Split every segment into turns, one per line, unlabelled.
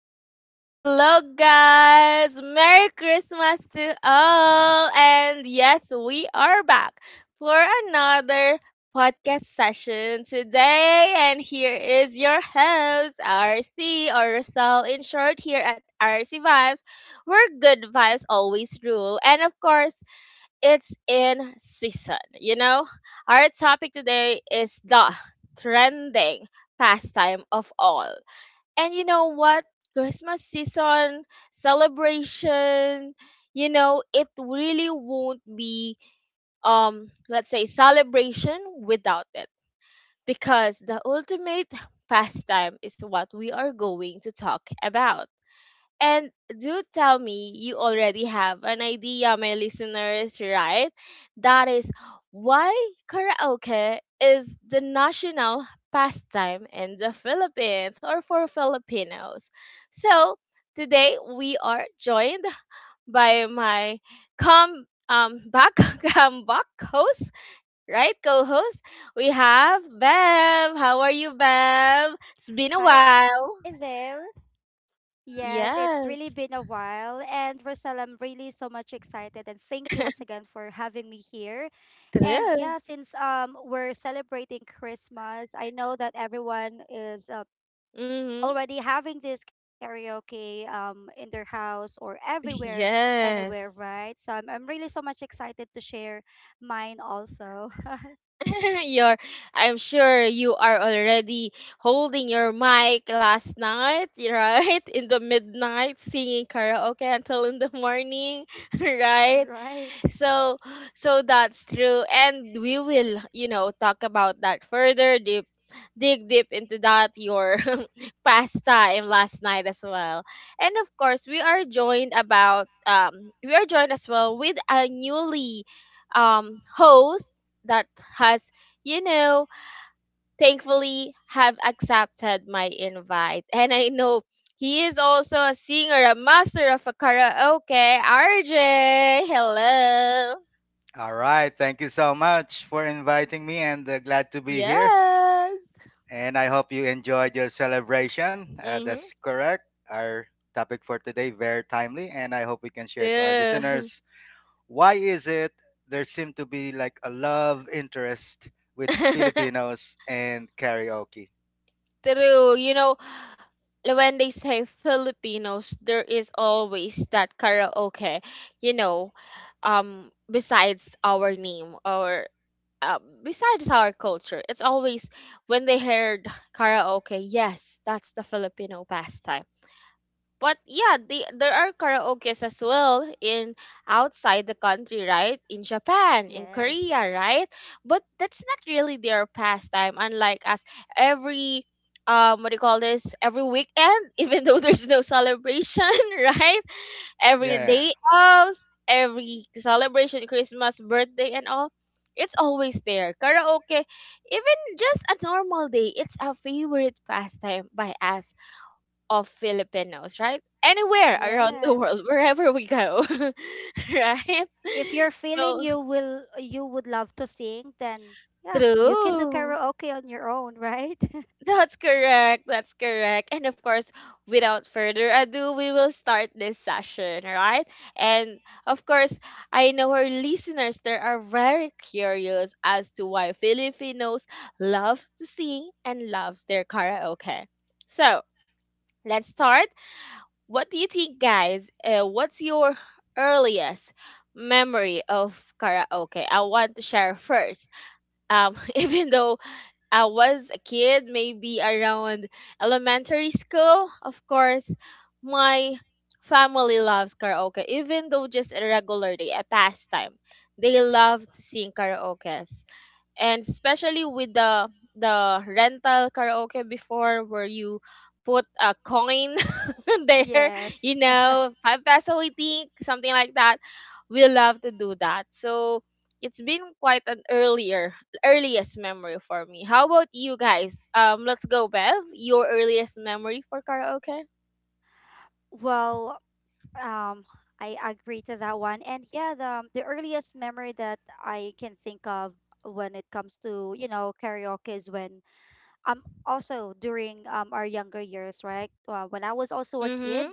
Hello, hello, guys. Merry Christmas to all. And yes, we are back for another podcast session today. And here is your host, RC, or Rosal in short, here at RC Vibes, where good vibes always rule. And of course, it's in season. You know, our topic today is the trending pastime of all. And you know what? Christmas season, celebration, it really won't be let's say celebration without it because the ultimate pastime is what we are going to talk about. And do tell me you already have an idea, my listeners, right? That is why karaoke is the national pastime in the Philippines or for Filipinos. So today we are joined by my come back come back host, right? Co-host. We have Bev. How are you, Bev? It's been a while.
Hi there. Yes, it's really
Yes.
been a while. And Rosal, I'm really so much excited. And thank you once again for having me here. And
True.
yeah, since we're celebrating Christmas, I know that everyone is already having this karaoke in their house or everywhere, anywhere,
Yes.
right? So I'm really so much excited to share mine also.
You're, I'm sure you are already holding your mic last night, right? In the midnight, singing karaoke until in the morning, right?
Right.
so so that's true, and we will, you know, talk about that further deep, dig deep into that your past time last night as well. And of course we are joined about we are joined as well with a newly host that has, you know, thankfully have accepted my invite, and I know he is also a singer, a master of a karaoke. RJ, hello.
All right. Thank you so much for inviting me and glad to be here.
Yes.
And I hope you enjoyed your celebration.
Mm-hmm.
That's correct. Our topic for today very timely and I hope we can share to our
True.
listeners why is it there seem to be like a love interest with Filipinos and karaoke.
True. You know, when they say Filipinos, there is always that karaoke, you know, besides our name or besides our culture. It's always when they heard karaoke, yes, that's the Filipino pastime. But yeah, there are karaokes as well in outside the country, right? In Japan, in
Yes.
Korea, right? But that's not really their pastime, unlike us. Every what do you call this? Every weekend, even though there's no celebration, right? Every
Yeah.
day off, every celebration, Christmas, birthday, and all, it's always there. Karaoke, even just a normal day, it's a favorite pastime by us of Filipinos, right? Anywhere around the
Yes.
world, wherever we go, right?
If you're feeling
So
you will you would love to sing, then yeah, you can do
true.
karaoke on your own, right?
That's correct. That's correct. And of course, without further ado, we will start this session, right? And of course, I know our listeners there are very curious as to why Filipinos love to sing and loves their karaoke. So, let's start. What do you think, guys? What's your earliest memory of karaoke? I want to share first. Even though I was a kid, maybe around elementary school, of course, my family loves karaoke. Even though just a regular day, a pastime, they love to sing karaoke, and especially with the rental karaoke before where you put a coin there, you
Yes.
know, five peso, I think, something like that. We love to do that. So it's been quite an earlier earliest memory for me. How about you guys? Let's go, Bev. Your earliest memory for karaoke.
Well, um I agree to that one. And yeah, the earliest memory that I can think of when it comes to, you know, karaoke is when also during our younger years, right? When I was also a kid,
Mm-hmm.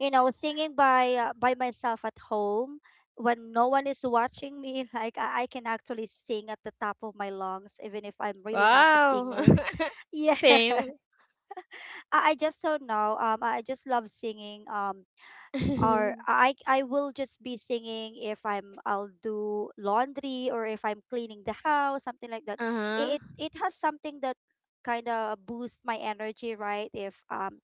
you know, singing by myself at home when no one is watching me. Like I can actually sing at the top of my lungs even if I'm really not a
Wow.
singer. Yeah.
Same.
I just don't know. I just love singing. Or I will just be singing if I'll do laundry or if I'm cleaning the house, something like that. It
Uh-huh.
it has something that kind of boosts my energy, right? If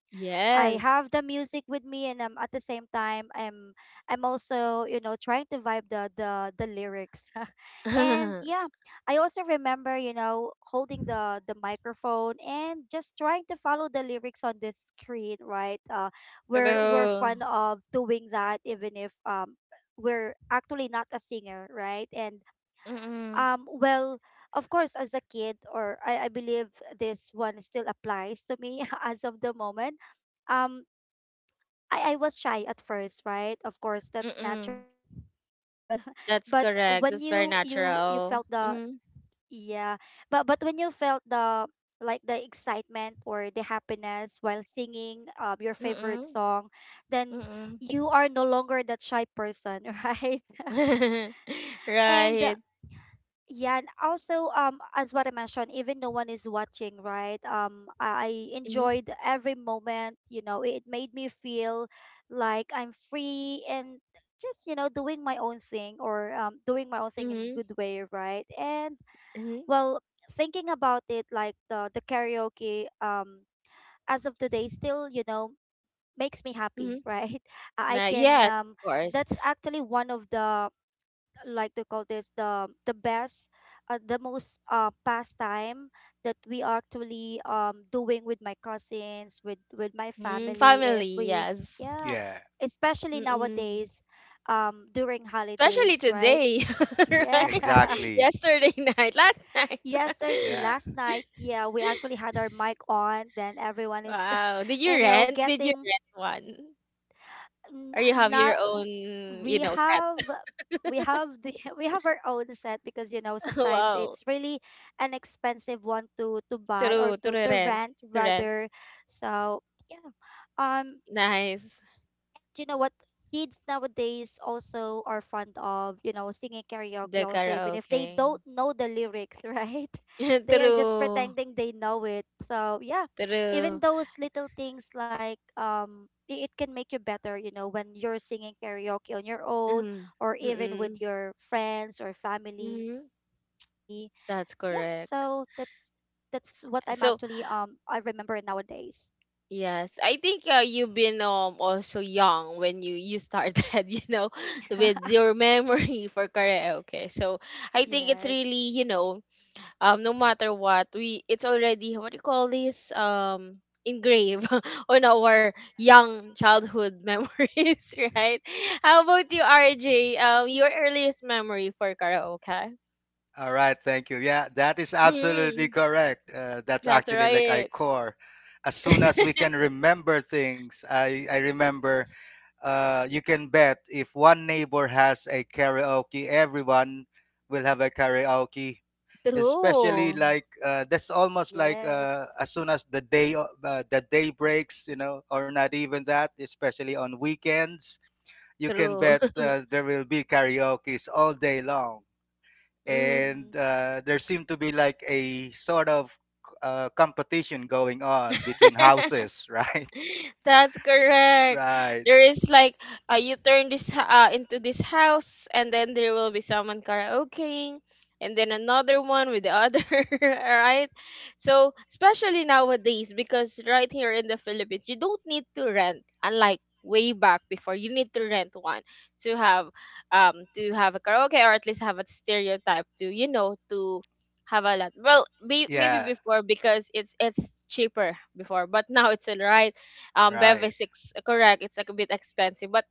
I
Yes.
have the music with me, and at the same time, I'm also, you know, trying to vibe the lyrics. And yeah, I also remember, you know, holding the microphone and just trying to follow the lyrics on the screen, right? We're
Hello.
fun of doing that even if we're actually not a singer, right? And
Mm,
well, of course, as a kid, or I believe this one still applies to me as of the moment. um I was shy at first, right? Of course, that's
mm.
natural. But when
That's
you
correct.
you
That's
you
very
felt the
natural. Mm,
yeah, but when you felt the like the excitement or the happiness while singing your favorite
mm,
song, then
mm.
you are no longer that shy person, right? And
Right.
yeah, and also as what I mentioned, even no one is watching, right? I
Mm,
enjoyed every moment, you know. It made me feel like I'm free and just, you know, doing my own thing or doing my own thing in
mm,
good way, right? And
mm,
well, thinking about it, like the karaoke as of today still, you know, makes me happy,
mm.
right? I
Nah,
can
yes, of course.
that's actually one of the like to call this the best the most pastime that we are actually doing with my cousins, with my
Mm,
family if
family,
we
yes.
yeah,
Yeah.
especially
Mm-mm.
nowadays, during
Especially
holidays, right?
today,
Yeah.
right?
Exactly.
Yesterday night, last night.
Yesterday,
Yeah.
last night, yeah, we actually had our mic on, then everyone is
Wow. Did you
you know,
rent? Did you
getting
rent one? Or you have your
not
own, you
we
know, set?
have the we have our own set because, you know, sometimes
Wow.
it's really an expensive one to buy or
True, to
to
rent,
rent
to rent.
rather. So yeah. um
Nice.
do you know what? Kids nowadays also are fond of, you know, singing karaoke
The
also even if they
karaoke.
don't know the lyrics, right? They are just
True,
pretending they know it. So yeah, even
true.
those little things like it can make you better, you know, when you're singing karaoke on your own
Mm,
or even with
mm-mm,
your friends or family.
mm-hmm.
Yeah, so
That's
that's
correct.
that's what I'm actually
So,
I remember nowadays.
yes, I think you've been also young when you started, you know, with your memory for karaoke. So, I think it's
Yes.
really, you know, no matter what we it's already, what do you call this, engraved on our young childhood
Eh, child.
memories, right? How about you, RJ? Your earliest memory for karaoke.
All right, thank you. Yeah, that is absolutely
Mm,
correct. That's
that's
actually like I
right.
core. As soon as we can remember things, I remember you can bet if one neighbor has a karaoke, everyone will have a karaoke. Especially
True,
like that's almost like
Yes.
as soon as the the day breaks, you know, or not even that. Especially on weekends, you can
true.
bet there will be karaoke's all day long
Hmm.
Mm-hmm.
and there seemed to be like a sort of competition going on between houses, right?
That's correct.
Right.
There is like, you turn into this house, and then there will be someone karaokeing, and then another one with the other, right? So especially nowadays, because right here in the Philippines, you don't need to rent, unlike way back before, you need to rent one to have, to have a karaoke, or at least have a stereotype to, you know, to have a lot. Well, maybe
Yeah.
before because it's cheaper before, but now it's alright.
Right.
Bevis is correct. It's like a bit expensive, but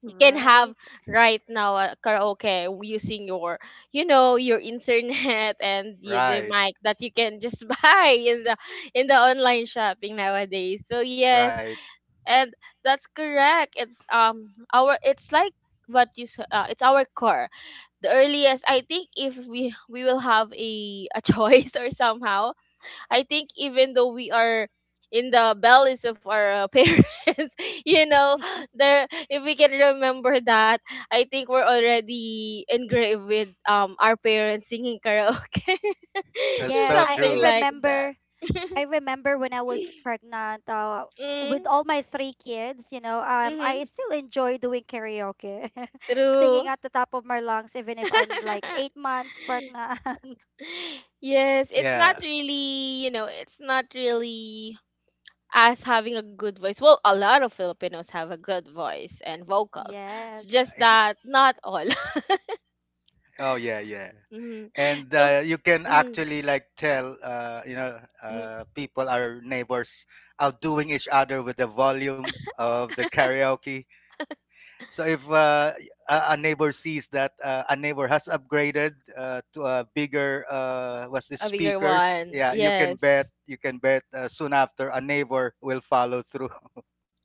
you can have
Right.
right now a karaoke using your, you know, your internet and the
Right.
mic that you can just buy in the online shopping nowadays. So yes,
Right.
and that's correct. It's our, it's like it's our core the earliest. I think if we will have a choice or somehow, I think even though we are in the bellies of our parents, you know, there if we can remember that, I think we're already engraved with our parents singing karaoke,
That's
Yes,
so
I
something
true.
like that.
remember. I remember when I was pregnant with
Mm,
all my three kids, you know.
mm-hmm,
I still enjoy doing karaoke, singing
true.
at the top of my lungs even if I'm like 8 months pregnant.
Yes, it's not
Yeah.
really, you know, it's not really as having a good voice. Well, a lot of Filipinos have a good voice and vocals. It's
Yes.
just
Ex-
that not all.
Oh yeah. Yeah.
Mhm.
And
So,
you can
mm,
actually like tell, you know,
mhm,
people, our neighbors, outdoing each other with the volume of the karaoke. So if a neighbor sees that a neighbor has upgraded to a bigger what's this
a bigger
speakers,
one.
yeah, you can
Yes.
bet you can bet soon after a neighbor will follow through.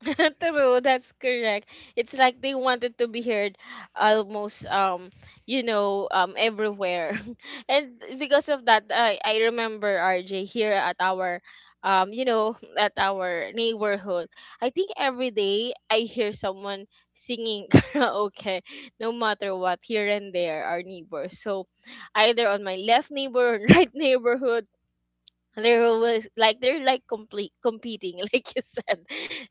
True, that's correct. It's like they wanted to be heard almost, you know, everywhere. And because of that, I remember RJ here at our, you know, at our neighborhood. I think every day I hear someone singing karaoke no matter what, here and there our neighbors. So either on my left neighbor or right neighborhood, they're always like, they're like complete competing like you said,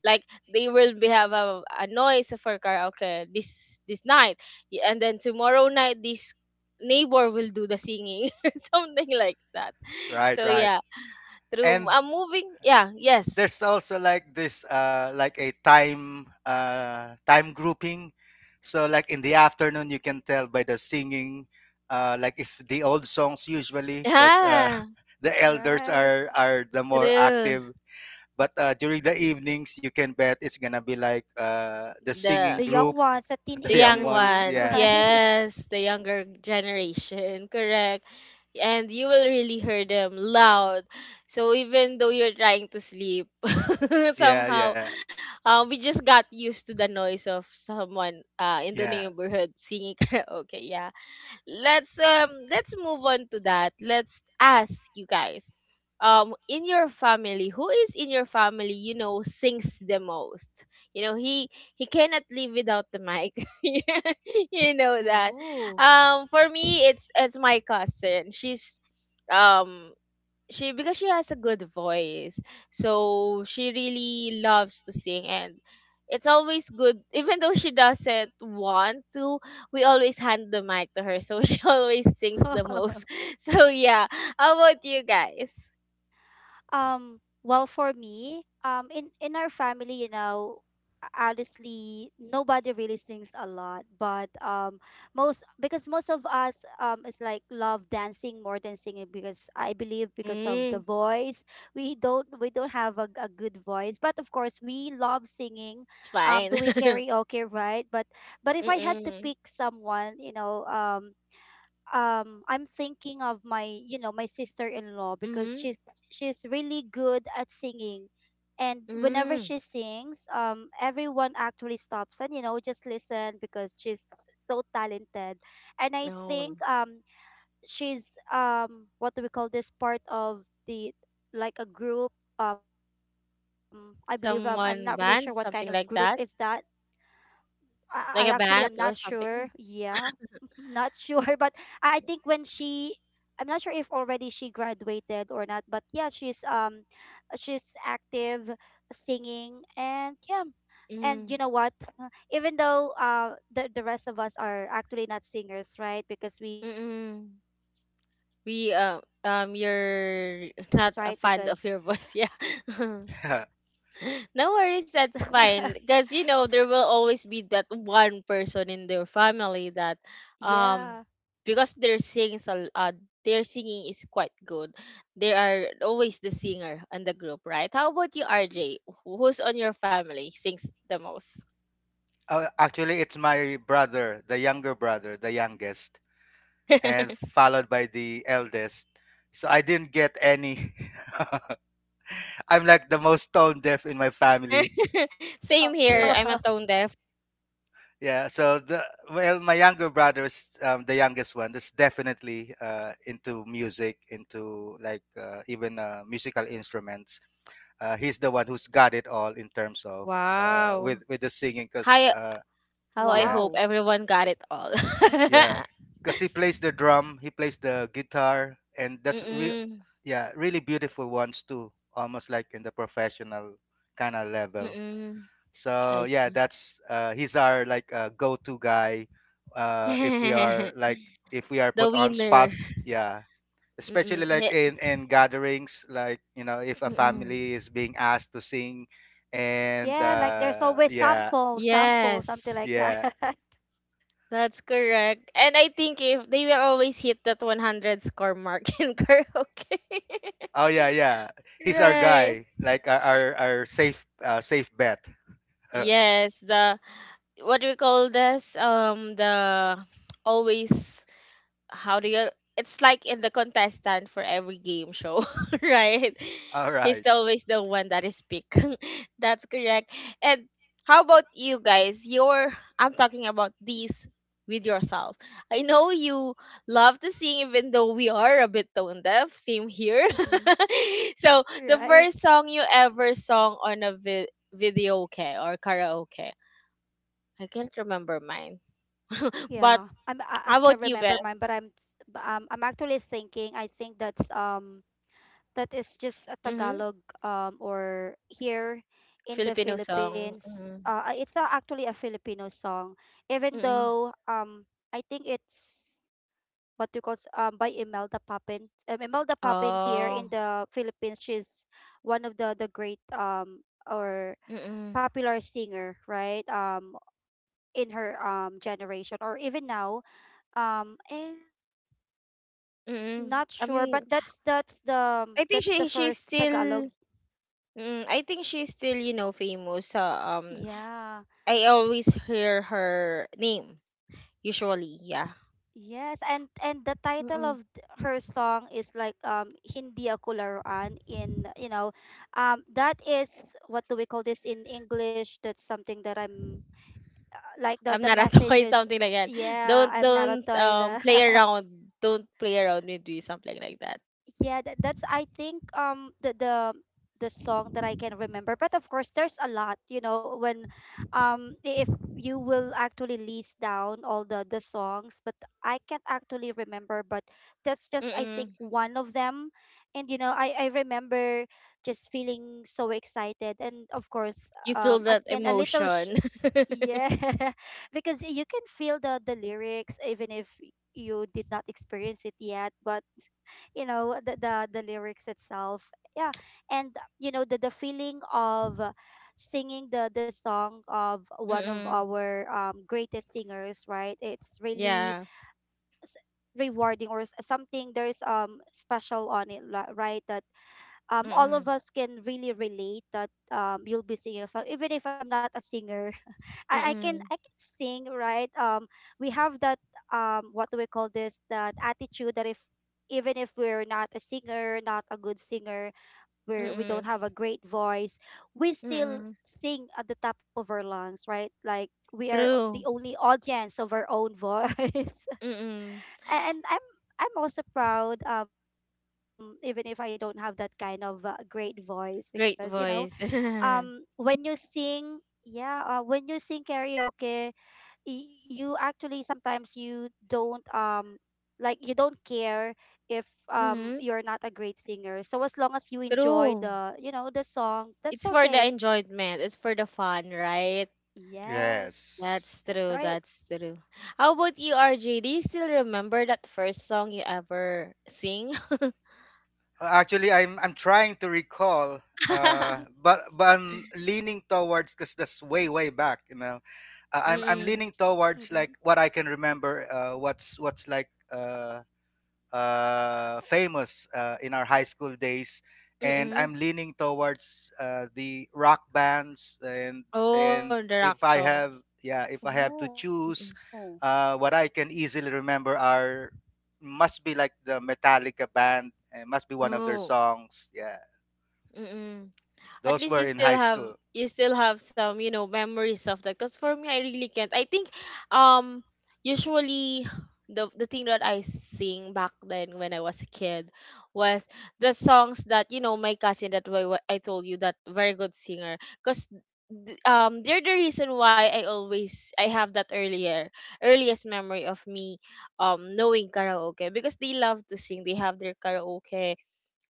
like they will be have a noise for karaoke this night. And then tomorrow night, this neighbor will do the singing something like that.
Right,
So
right.
yeah, through
And
a moving. Yeah, yes.
there's also like this like a time grouping. So like in the afternoon, you can tell by the singing. Like if the old songs usually, because
Yeah,
the elders
Right.
are are the more
true.
active. But, during the evenings, you can bet it's gonna be like, the singing
the
The
group,
young ones, the
The
the young
teenager
young
ones.
ones,
ones,
Yeah,
right?
yes, the younger generation, correct. And you will really hear them loud. So even though you're trying to sleep,
yeah,
somehow,
yeah,
we just got used to the noise of someone, in the
yeah.
neighborhood singing karaoke. Yeah, let's, let's move on to that. Let's ask you guys. In your family, who is in your family, you know, sings the most? You know, he cannot live without the mic. You know that.
Oh.
For me it's my cousin. She's, um she, because she has a good voice, so she really loves to sing, and it's always good even though she doesn't want to, we always hand the mic to her, so she always sings the most. So yeah, how about you guys?
Well, for me, in our family, you know, honestly, nobody really sings a lot, but most because most of us is like love dancing more than singing, because I believe because of the
Mm,
voice, we don't have a good voice, but of course we love singing,
it's fine.
doing karaoke, right? But if I had to
Mm-mm.
pick someone, you know, I'm thinking of my, you know, my sister-in-law because
Mm-hmm.
she's really good at singing, and whenever
Mm.
she sings, everyone actually stops and, you know, just listen, because she's so talented. And I
No,
think she's what do we call this, part of the like a group. I believe I'm not really sure what kind of
someone
group
band
is
something
that.
like that,
I actually
like a
am not
band or
sure.
something.
Yeah, not sure. But I think when she, I'm not sure if already she graduated or not. But yeah, she's active, singing, and yeah, and you
Mm.
know what? Even though the rest of us are actually not singers, right? Because we love
Mm-mm.
dancing, we
We
we still have fun joining in
you're
sometimes, right?
not a
Because
fan of your voice, yeah. No worries, that's fine. 'Cause you know there will always be that one person in their family that,
yeah.
um because their their singing is quite good. They are always the singer in the group, right? How about you,
Y-
RJ? Who's on your family sings the most?
Actually, it's my brother, the younger brother, the youngest, and followed by the eldest. So I didn't get any. I'm like the most tone deaf in my family.
Same here.
Yeah.
I'm a
oh,
tone deaf.
Yeah, so the well, my younger brother is the youngest one. That's definitely into music, into like even musical instruments. He's the one who's got it all in terms of
Wow.
with the singing because
Hi, how I
yeah
hope
wow.
everyone got it all.
yeah because he plays the drum he plays the guitar and
Mm-mm.
yeah really beautiful ones too almost like in the professional kind of level.
Mm-mm.
So
I
yeah
see.
that's he's our like go-to guy if we are like if we are
The
put on spot.
winner.
Yeah, especially
Mm-mm.
like
He-
in gatherings like you know if a
Mm-mm.
family is being asked to sing and
Yeah, like there's always
yeah.
sample, sample, something
Yes.
like that.
Yeah.
That's correct. And I think if they will always hit that 100 score mark in karaoke.
Oh yeah yeah, he's our
Right.
guy like our safe safe bet.
Yes, the what do we call this? The always, how do you, it's like in the contestant for every game show, right,
All
he's
right.
always the one that is picked, that's correct. And how about you guys, your, I'm talking about these with yourself. I know you love to sing even though we are a bit tone deaf, same here.
Mhm.
So the
Right.
first song you ever sung on a video, okay, or karaoke, I can't remember mine. But
Yeah. I'm I
how about
can't
you, Beth?
remember mine, but but I'm actually thinking, I think that's that is just a
Mm-hmm.
Tagalog, or here in the
Filipino song,
Philippines.
mm,
It's a, actually a Filipino song. Even
mm.
though I think it's what we call by Imelda Papin. Imelda Papin, here
Oh,
in the Philippines, she's one of the great or
mm,
popular singer, right? In her generation or even now. And I'm
mm.
not sure,
Um,
but that's the
I think
that's the
she, she's
first Tagalog.
still mm, I think she's still, you know, famous sa,
Yeah.
I always hear her name usually, yeah.
Yes, and the title
Mm.
of her song is like Hindi ako laruan in, you know, that is, what do we call this in English? That's something that I'm like the
I'm
the
not a toy, something
messages.
like that.
Yeah,
Don't
I'm not a
don't,
toy da.
play around, don't play around with me, something like that.
Yeah, that, that's, I think, the the song that I can remember. But of course, there's a lot. You know, when if you will actually list down all the songs, but I can't actually remember. But that's just, I think,
Mm.
one of them. And you know, I remember just feeling so excited, and of course,
You feel that
again, a little
emotion.
yeah, because you can feel the lyrics even if you did not experience it yet, but you know the the lyrics itself. Yeah, and you know the feeling of singing the song of one of
Mm,
our greatest singers, right? It's really
yes.
s- rewarding or something. There's special on it right. All
Mm,
of us can really relate that you'll be singing a song even if I'm not a singer. I can
mm,
I can sing, right? We have that what do we call this, that attitude that if even if we're not a singer, not a good singer,
mm,
we
mm,
don't have a great voice, we still
mm.
sing at the top of our lungs, right? Like we are the
True.
only audience of our own voice.
Mm.
And I'm also proud even if I don't have that kind of great voice, because you know,
Great voice.
when you sing, yeah, when you sing karaoke, you actually sometimes you don't like you don't care if you're not a great
Mhm.
singer, so as long as you enjoy the, you know, the
True.
song, that's okay.
It's for the enjoyment. It's for the fun, right?
Yes, that's right.
Yes.
That's true. That's true. How about you, RJ? Do you still remember that first song you ever sing?
Actually I'm trying to recall but I'm leaning towards because that's way way back you know. I'm
Mm-mm.
leaning
Mm-hmm.
towards like what I can remember what's like famous in our high school days, and I'm
Mm-mm.
leaning towards the rock bands.
Oh,
And
the rock
if I
songs.
have, yeah, if I have to
Oh.
Mm-mm.
choose, what I can easily remember are must be like the Metallica band, and must be one of their
Oh.
songs. Yeah,
Mm-mm. At
those
least
were in high school.
you still have some memories of that because for me I really can't. I think um usually the thing that I sing back then when I was a kid was the songs that my cousin, that way I told you, that very good singer, because they're the reason why I have that earlier earliest memory of me knowing karaoke, because they love to sing. They have their karaoke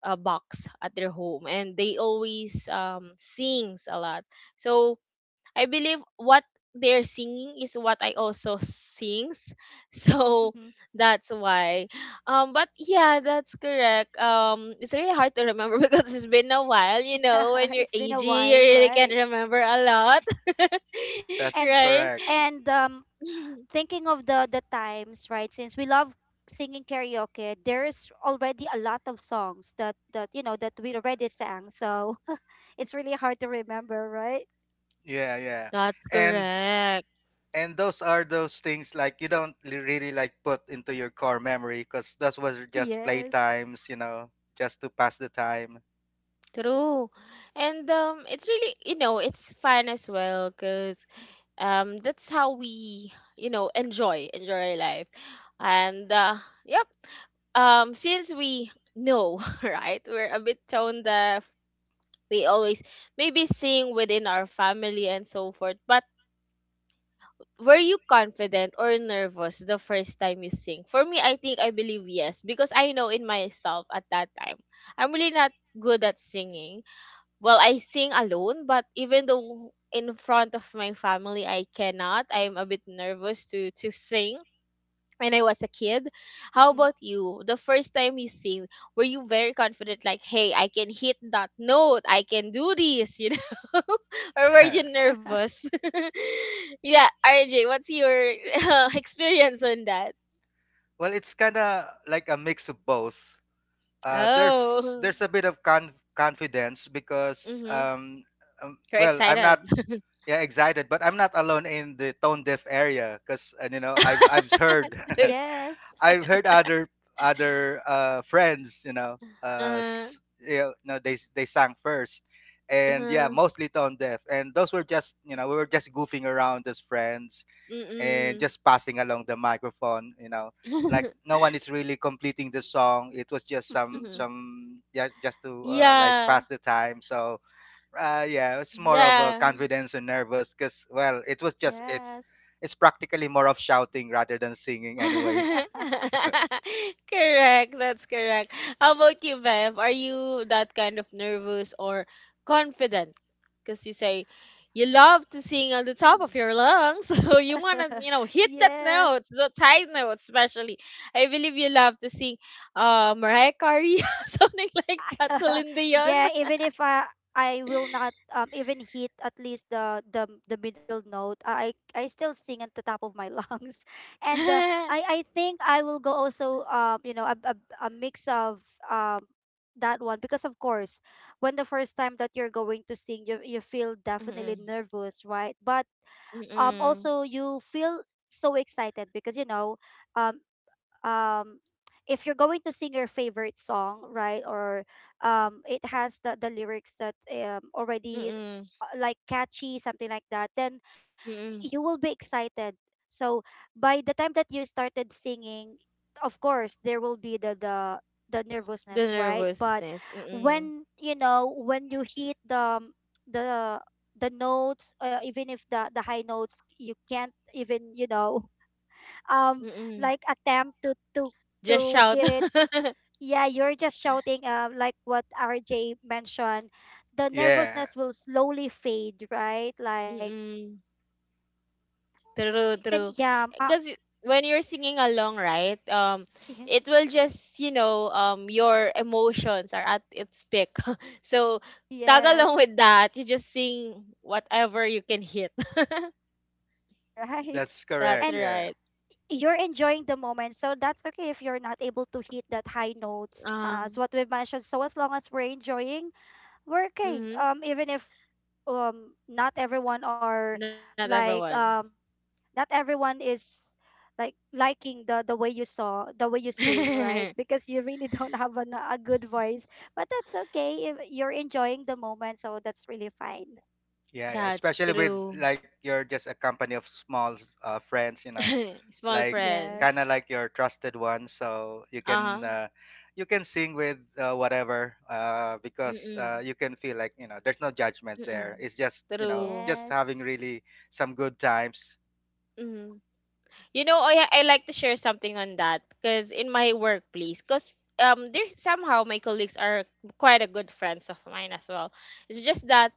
box at their home and they always sings a lot. So I believe what they're singing is what I also sings so
Mm-hmm.
that's why. But yeah, that's correct. It's really hard to remember because it's been a while. You know, when
It's
you're
been a
aging,
while,
you really
right?
can't remember a lot.
That's
and
Right.
correct.
and
Mhm.
thinking of the times, right, since we love singing karaoke, there's already a lot of songs that you know that we already sang, so it's really hard to remember, right?
Yeah, yeah.
That's
And
correct.
and those are those things like you don't really like put into your core memory because those was just
Yes.
playtimes you know just to pass the time.
True. And it's really, you know, it's fun as well because that's how we, you know, enjoy enjoy life. And yep. Since we know, right, we're a bit tone deaf, we always maybe sing within our family and so forth. But were you confident or nervous the first time you sing? For me, I think, I believe yes, because I know in myself at that time I'm really not good at singing. Well, I sing alone, but even though in front of my family I cannot, I'm a bit nervous to sing when I was a kid.
Hmm.
How about you, the first time you sing? Were you very confident, like, hey, I can hit that note, I can do this, you know, or were you nervous? Yeah, RJ, what's your experience on that?
Well it's kind of like a mix of both. uh, there's
Oh.
there's a bit of confidence because
Mm-hmm. You're
well I'm
excited.
not, yeah excited but I'm not alone in the tone deaf area because and you know I've heard
Yes.
I've heard other friends, you know,
uh,
you know, no, they sang first, and yeah,
uh,
mostly tone deaf, and those were just you know we were just goofing around as friends and
mm-mm.
just passing along the microphone, you know, like no one is really completing the song. It was just
Mhm.
some yeah just to like
Yeah.
pass the time. So yeah, it's more of a
Yeah.
confidence and nervous because well, it was just it's
Yes.
it's practically more of shouting rather than singing anyways.
Correct. That's correct. How about you, Bev? Are you that kind of nervous or confident? Because you say you love to sing on the top
Mm.
of your lungs, so you want to, you know, hit that
Yes.
note, the high note, especially. I believe you love to sing Mariah Carey, something like that, Celine Dion.
Yeah, even if I will not even hit at least the middle note, I still sing at the top of my lungs, and I I think I will go also, you know, a mix of um that one, because of course when the first time that you're going to sing, you feel definitely
Mm-mm.
nervous, right? But
Mm-mm.
also you feel so excited because you know um um if you're going to sing your favorite song, right? Or it has the lyrics that already
Mm-mm.
like catchy, something like that, then
Mm-mm.
you will be excited. So by the time that you started singing, of course there will be the the
The
nervousness, right? But
nervousness. Mm-mm.
when when you hit the the notes, even if the high notes you can't even um
Mm.
like attempt to to
Just
to
shout.
hit it, yeah, you're just shouting, like what RJ mentioned, the
Yeah,
nervousness will slowly fade, right? Like
Mm. True,
then
true.
yeah,
Because when you're singing along, right?
y-
It will just, you know, your emotions are at its peak. So tag along with
yes.
that. You just sing whatever you can hit.
Right,
that's
That's
correct.
and
Yeah.
right.
you're enjoying the moment, so that's okay if you're not able to hit that high notes, as
Um.
what we've mentioned. So as long as we're enjoying, we're okay,
Mm-hmm.
even if not everyone are
Not
like,
everyone.
not everyone is like liking the way you saw, the way you sing, right? Because you really don't have an, a good voice, but that's okay if you're enjoying the moment, so that's really fine.
Yeah, yeah.
That's
Especially with
true.
like you're just a company of small friends, you know,
Small
like kind of
friends.
Yes.
like your trusted ones. So
Uh huh.
you can sing with whatever
Mm
because
mm.
you can feel like you know there's no judgment
Mm mm.
there. It's just you know
True.
just
Yes.
having really some good times.
Mm. You know, I like to share something on that, because in my workplace, because there's somehow my colleagues are quite a good friends of mine as well. It's just that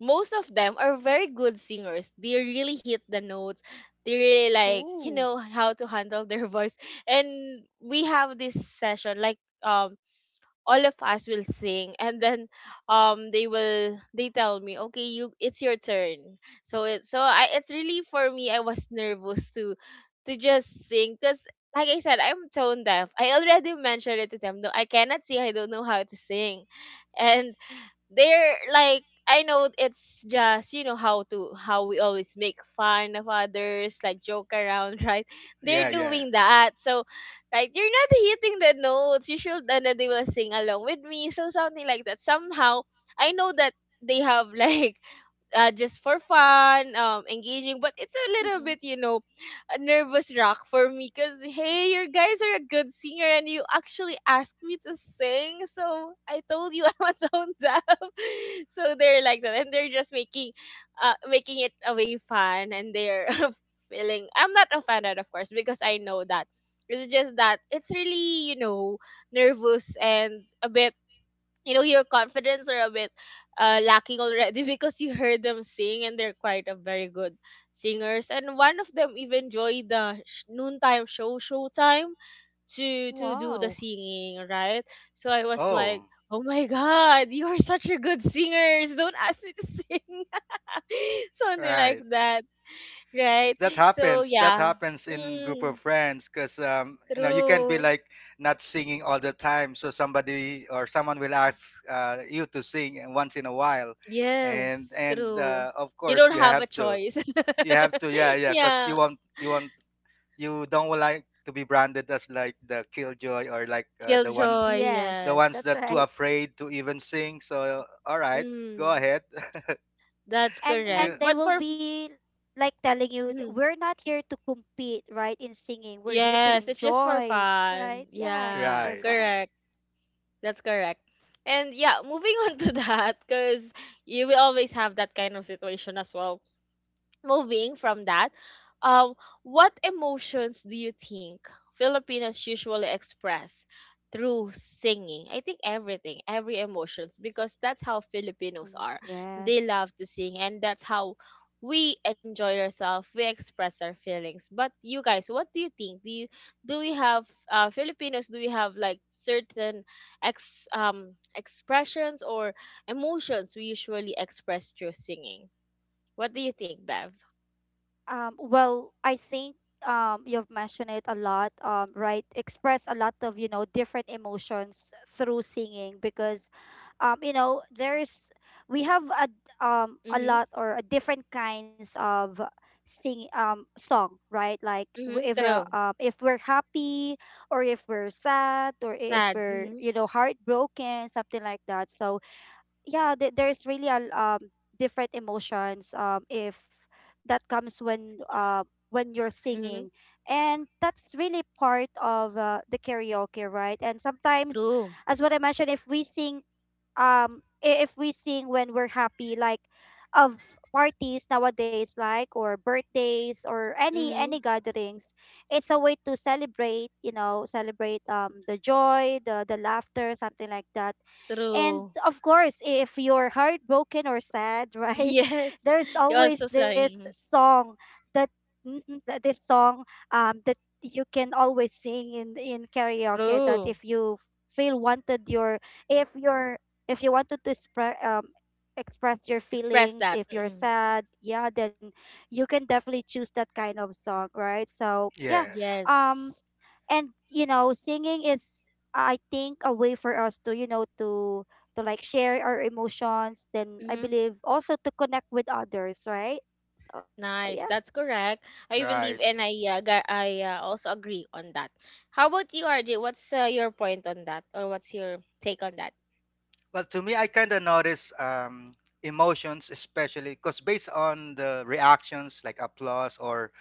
most of them are very good singers. They really hit the notes. They really, like, you
Oh.
know, how to handle their voice. And we have this session, like, all of us will sing, and then they will, they tell me, okay, you, it's your turn. So it, so I, it's really for me, I was nervous to just sing, because like I said, I'm tone deaf. I already mentioned it to them, no, I cannot sing, I don't know how to sing. And they're like, I know, it's just, you know, how to, how we always make fun of others, like joke around, right? They're
Yeah, yeah.
doing that. So like, you're not hitting the notes, you should, and then they will sing along with me. So something like that. Somehow I know that they have like just for fun, engaging. But
Mm-mm.
it's a little bit, you know, a nervous rock for me, because hey, your guys are a good singer and you actually asked me to sing. So I told you I was on deaf. So they're like that. And they're just making making it a way fun and they're feeling. I'm not offended, of course, because I know that. It's just that it's really, you know, nervous, and a bit, you know, your confidence are a bit lacking already because you heard them sing and they're quite a very good singers. And one of them even joined the noontime show, Showtime, to do
Wow.
the singing, right? So I was like,
Oh,
oh my god, you are such a good singers, don't ask me to sing. Something
right.
like that. Right.
That
So
happens, that
yeah.
happens in group
Mm.
of friends because you know you can be
True.
like not singing all the time so somebody or someone will ask you to sing and once in a while. and
Yes,
and
true.
of
You
course
don't
you
have a
have to,
choice.
you have to yeah yeah because you
Yeah.
want you want you don't like to be branded as like the killjoy or like uh, the ones
Killjoy,
the
Yes,
yes.
ones
that's
that too
right.
afraid to even sing so all right go
Mm,
ahead.
that's
and
correct.
You-
and they will be like telling you,
Mhm.
we're not here to compete, right? In singing, we're here to
Yes, it's just for
enjoy.
fun.
Right. Yeah, just
Yeah,
for
right
fun.
correct. That's correct. And yeah, moving on to that, because you will always have that kind of situation as well. Moving from that, um, what emotions do you think Filipinos usually express through singing? I think everything, every emotions, because that's how Filipinos
Mm,
are. They
yes.
love to sing, and that's how we enjoy ourselves. We express our feelings. But you guys, what do you think? Do you, do we have Filipinos? Do we have like certain ex expressions or emotions we usually express through singing? What do you think, Bev?
Well, I think, you've mentioned it a lot, right? Express a lot of, you know, different emotions through singing because, um, you know, there's, we have a
Mhm.
lot or a different kinds of sing song, right? Like
Mhm, true.
if we're happy or if we're sad or if
Sad.
we're,
Mhm.
you know, heartbroken, something like that. So yeah, there's really different emotions if that comes when when you're
Mhm,
singing, and that's really part of the karaoke, right? And sometimes,
true.
as what I mentioned, if we sing, if we sing when we're happy, like of parties nowadays, like or birthdays, or any
Mhm,
gatherings, it's a way to celebrate, you know, celebrate the joy, the laughter, something like that. And
true.
of course, if you're heartbroken or sad, right?
Yes,
There's
you're also
always this
saying
song that, that this song, that you can always sing in karaoke, that
true.
if you feel wanted your, if you're, if you wanted to express, express your
Express
feelings,
that.
if you're
Mm,
sad, yeah, then you can definitely choose that kind of song, right? So yeah.
yeah
um
yes.
and you know, singing is, I think, a way for us to, you know, to like share our emotions, then I
Mhm,
believe also to connect with others, right? So yeah.
nice. That's correct. I believe,
right.
and I also agree on that. How about you, RJ? What's your point on that, or what's your take on that?
Well, to me, I kind of notice emotions, especially because based on the reactions, like applause, or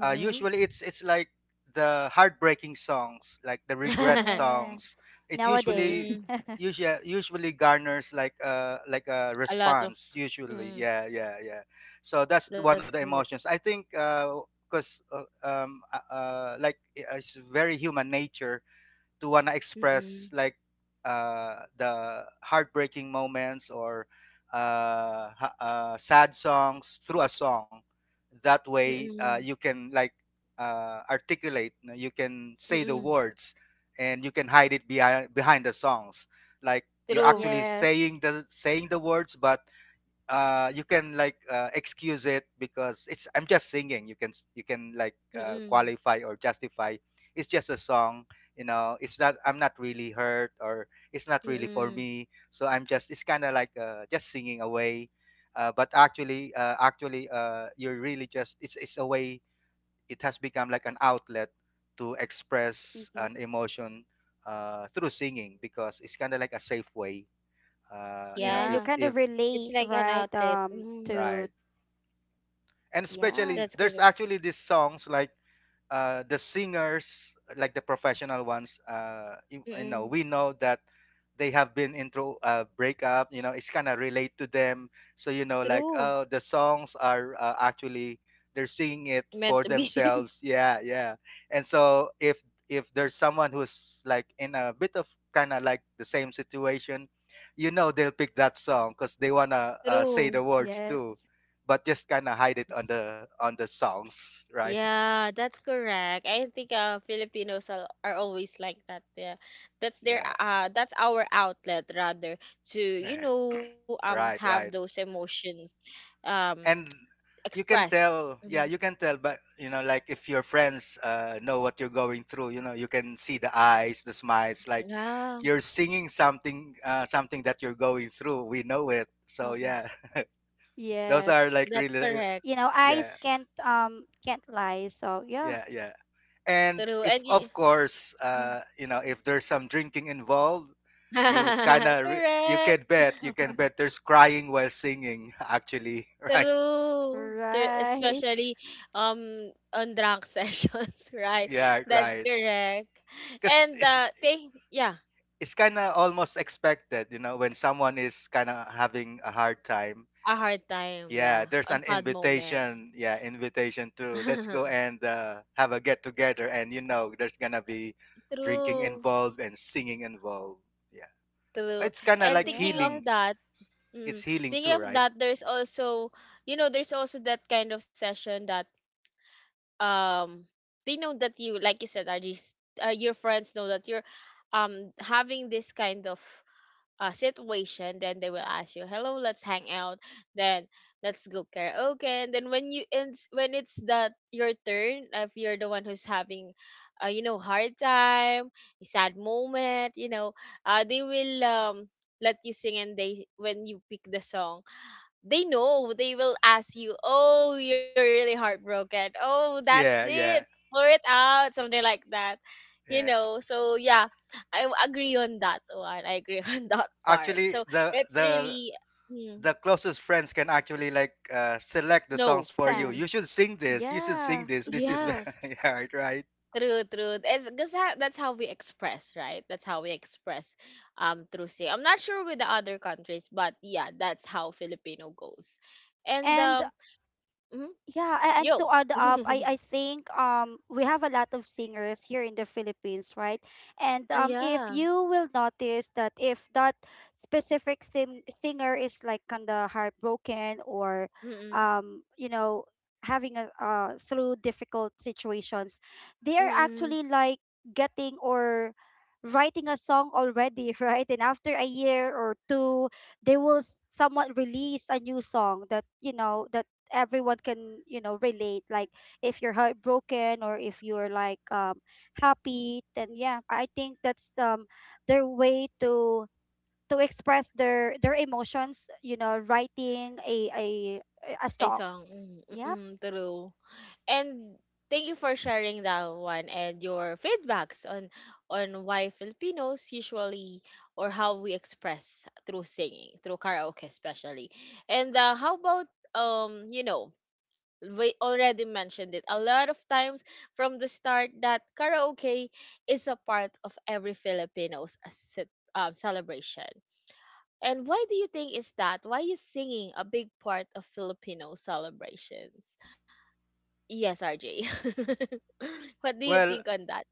usually it's like the heartbreaking songs, like the regret
Yeah.
songs. It usually
Nowadays.
Mhm.
garners like a
A lot of.
response. Usually,
Mm,
yeah, yeah, yeah. So that's the
that's
one of the
correct.
emotions. I think because 'cause, like I- it's very human nature to wanna
Mm-mm.
express like the heartbreaking moments or sad songs through a song. That way,
Mm-mm.
you can like articulate. You know, you can say the
Mm-mm.
words, and you can hide it behind the songs. Like you're
True.
actually
Yes.
saying the words, but you can like excuse it because it's I'm just singing, you can you can like
Mm-mm.
qualify or justify it's just a song you know it's not I'm not really hurt or it's not really for
Mm.
me so I'm just, it's kind of like just singing away. But actually actually you're really just, it's a way, it has become like an outlet to express
Hmm.
an emotion through singing because it's kind of like a safe way you know
Yeah, you
Yeah,
kind
if
of
it's
relate,
like an
right?
outlet. Mm,
To,
right. And
that's
yes.
especially
correct.
there's actually these songs like the singers, like the professional ones, you, you know,
Mm.
we know that they have been into a breakup. You know, it's kind of relate to them. So you know, like,
True.
oh, the songs are actually they're singing it
Meant to
for
be.
themselves. Yeah, yeah. And so if there's someone who's like in a bit of kind of like the same situation, you know, they'll pick that song because they wanna say
True.
the words
Yes.
too, but just kind of hide it on the songs, right?
Yeah, that's correct. I think Filipinos are always like that. Yeah. That's their
Yeah.
that's our outlet, rather, to, you
Right.
know, have
Right,
those
right.
emotions um
And you can
express.
tell,
Hmm.
yeah, you can tell, but you know, like if your friends know what you're going through, you know, you can see the eyes, the smiles, like
Yeah.
you're singing something, something that you're going through. We know it. So
Mm-mm.
yeah, those
Yes,
are like
That's
really,
you
correct.
know, eyes
yeah,
can't lie, so yeah.
yeah, yeah. And
True.
if, of course, you know, if there's some drinking involved, you kind of,
Correct.
you can bet there's crying while singing, actually, right?
True. Tru-
Right.
Especially on drunk sessions, right?
Yeah,
That's
right.
correct.
'Cause
And
it's
take, yeah,
it's kinda almost expected, you know, when someone is kinda having a hard time.
a hard time,
Yeah,
yeah,
there's
on
an
sad moments.
invitation, yeah, invitation to, "Let's go and, have a get together," and you know there's gonna be drinking
True.
involved and singing involved. Yeah.
True.
It's kinda
And
like
thinking of
healing.
Yes.
that,
It's
mm,
healing
thinking
too,
of
right?
that, there's also, you know, there's also that kind of session that um they know that you, like you said, RG, your friends know that you're having this kind of situation, then they will ask you, "Hello, let's hang out." Then let's go karaoke. And then when you, it's when it's that your turn, if you're the one who's having, you know, hard time, a sad moment, you know, they will let you sing. And they, when you pick the song, they know, they will ask you, "Oh, you're really heartbroken. Oh, that's
Yeah,
it.
yeah,
Pour it out." Something like that. You
yeah.
know, so yeah, agree on that one. I agree on that part. So
Actually,
it's really, mm,
the closest friends can actually, like, select the songs
no,
for you. "You
mm,
should
Sense.
sing this. You should sing
Yeah.
this. This is"
yes,
Yeah, right.
true, true. It's because that's how we express, right? That's how we express through say. I'm not sure with the other countries, but yeah, that's how Filipino goes. And
And.
mhm,
Yeah, and to
yo,
add up, I I think we have a lot of singers here in the Philippines, right? And
ah,
if
yeah.
you will notice that, if that specific singer is like kind of heartbroken or
Mm,
you know, having a through difficult situations, they are
mm.
actually like getting or writing a song already, right? And after a year or two, they will somewhat release a new song that, you know, that everyone can, you know, relate, like if you're heartbroken or if you're like happy, then yeah, I think that's their way to express their emotions, you know, writing a a
Ay,
song.
song. Mm,
Yep.
mm, true. And thank you for sharing that one and your feedbacks on why Filipinos usually or how we express through singing, through karaoke especially. And how about you know, we already mentioned it a lot of times from the start that karaoke is a part of every Filipino's celebration. And why do you think is that? Why is singing a big part of Filipino celebrations? Yes, RJ. What do you
Well
think on that?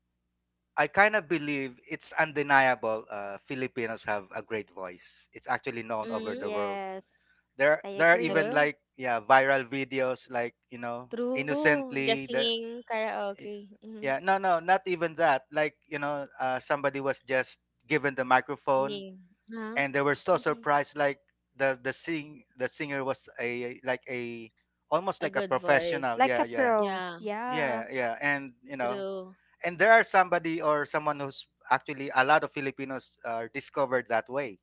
I kind of believe it's undeniable Filipinos have a great voice. It's actually known over the
Mm-hmm.
world.
Yes,
There
I
there are
agree.
even
True.
like yeah, viral videos like, you know,
True. Just
innocently the
singing karaoke. Mm-hmm.
yeah, no no, not even that. Like, you know, somebody was just given the microphone
Singing. Huh?
and they were so
Hmm.
surprised like the sing the singer was a like a almost
A
like a
good
professional.
voice.
Like
Yeah,
a
yeah.
Yeah,
pro, yeah.
Yeah, yeah. And, you know,
true.
and there are somebody or someone who's actually a lot of Filipinos are discovered that way.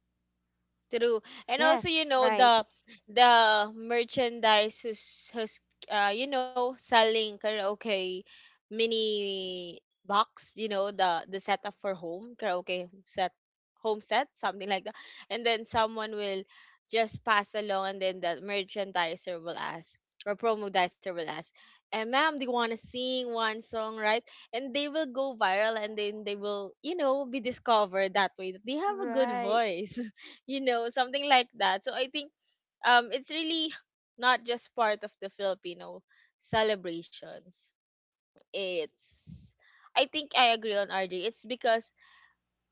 True. And also, you
Yes.
know,
Right.
the merchandise who's, who's you know, selling karaoke mini box, you know, the setup for home, karaoke set, home set, something like that. And then someone will just pass along, and then the merchandiser will ask or promodizer will ask, and ma'am, do you wanna sing one song, right? And they will go viral and then they will, you know, be discovered that way, that they have a good
Right.
voice. You know, something like that. So I think it's really not just part of the Filipino celebrations, it's, I think I agree on RJ, it's because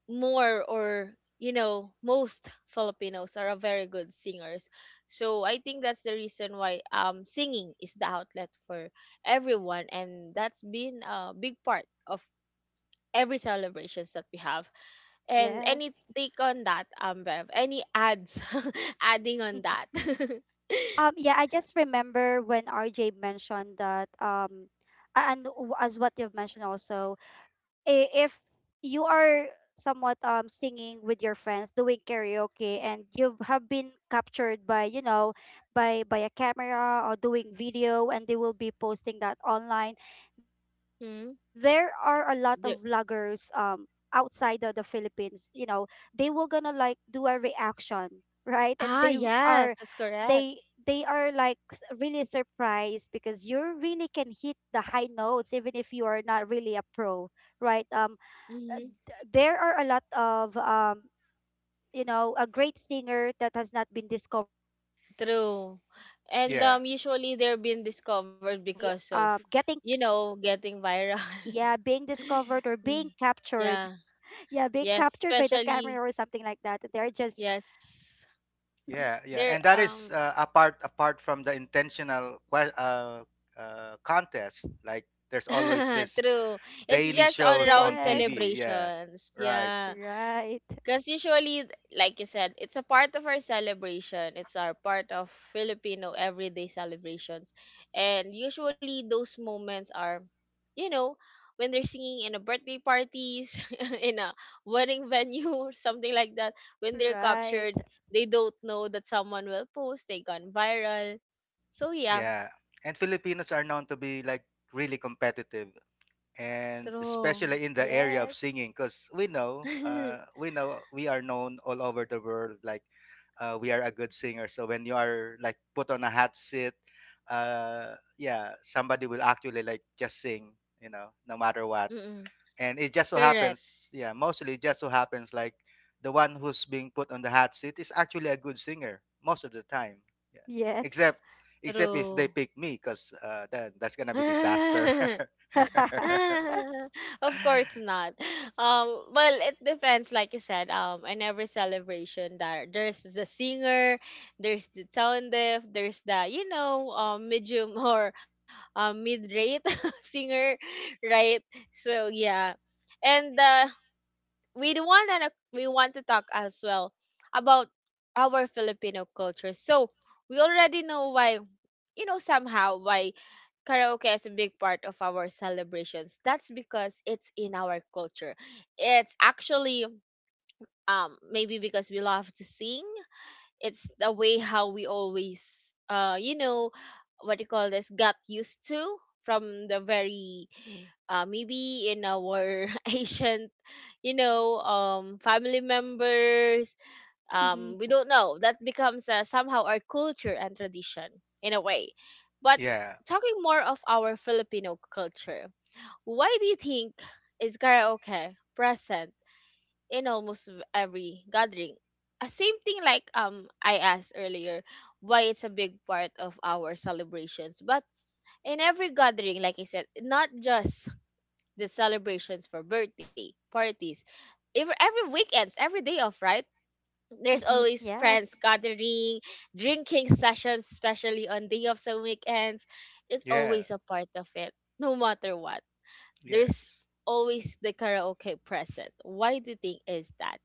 more or, you know, most Filipinos are a very good singers. So I think that's the reason why singing is the outlet for everyone, and that's been a big part of every celebrations that we have. And any
Yes.
take on that, Bev? Any ads adding on that?
Yeah, I just remember when RJ mentioned that, and as what you've mentioned also, if you are somewhat singing with your friends doing karaoke and you have been captured by, you know, by a camera, or doing video, and they will be posting that online, there are a
Hmm?
lot of vloggers
The-
outside the Philippines, you know, they will gonna like do a reaction, right? And
ah,
they are,
yes, that's correct.
they are like really surprised because you really can hit the high notes even if you are not really a pro, right?
Hmm.
There are a lot of, you know, a great singer that has not been discovered yet because,
True.
you know,
And
Yeah,
not
usually they're being
everyone
discovered
is
because of,
actually
you know,
getting,
getting viral.
yeah, being discovered or being
Mm,
captured,
yeah.
yeah, being
Yes,
captured by the camera
especially,
or something like that. They are just,
yes.
yeah, yeah, and
They're
Mhm.
that is apart from the intentional contest. Like there's always this
true. It's
daily
just on
shows on
round
TV. Yeah,
Yes,
celebrations.
right.
Yeah. Because
right,
usually, like you said, it's a part of our celebration. It's our part of Filipino everyday celebrations. And usually those moments are, you know, when they're singing in a birthday parties, in a wedding venue or something like that, when they're captured,
right.
they don't know that someone will post, they gone viral. So yeah,
Yeah, and Filipinos are known to be like really competitive. And
true.
especially in the area of
Yes.
singing because we know we are known all over the world, like we are a good singer. So when you are like put on a hot seat, yeah, somebody will actually like just sing, you know, no matter what.
Mm-mm.
And it just so
Correct.
happens, yeah, mostly it just so happens like the one who's being put on the hot seat is actually a good singer most of the time, yeah. Except
Yes.
except if
True.
they pick me, because then that's gonna be disaster.
Of course not. Well, it depends. Like you said, in every celebration, there's the singer, there's the tone deaf, there's the medium or mid rate singer, right? So yeah, and we do want to we want to talk as well about our Filipino culture. So we already know why you know somehow why karaoke is a big part of our celebrations. That's because it's in our culture. It's actually maybe because we love to sing. It's the way how we always you know what you call this got used to from the very maybe in our ancient family members. We
Mm-hmm.
don't know that becomes somehow our culture and tradition in a way. But
Yeah.
talking more of our Filipino culture, why do you think is karaoke present in almost every gathering? Same thing like I asked earlier why it's a big part of our celebrations. But in every gathering, like I said, not just the celebrations for birthday parties, if every weekends, every day off, right, there's
Mm-hmm.
always friends
Yes.
gathering, drinking sessions, especially on day offs and weekends. It's
Yeah.
always a part of it, no matter what. There's
Yes.
always the karaoke present. Why do you think is that?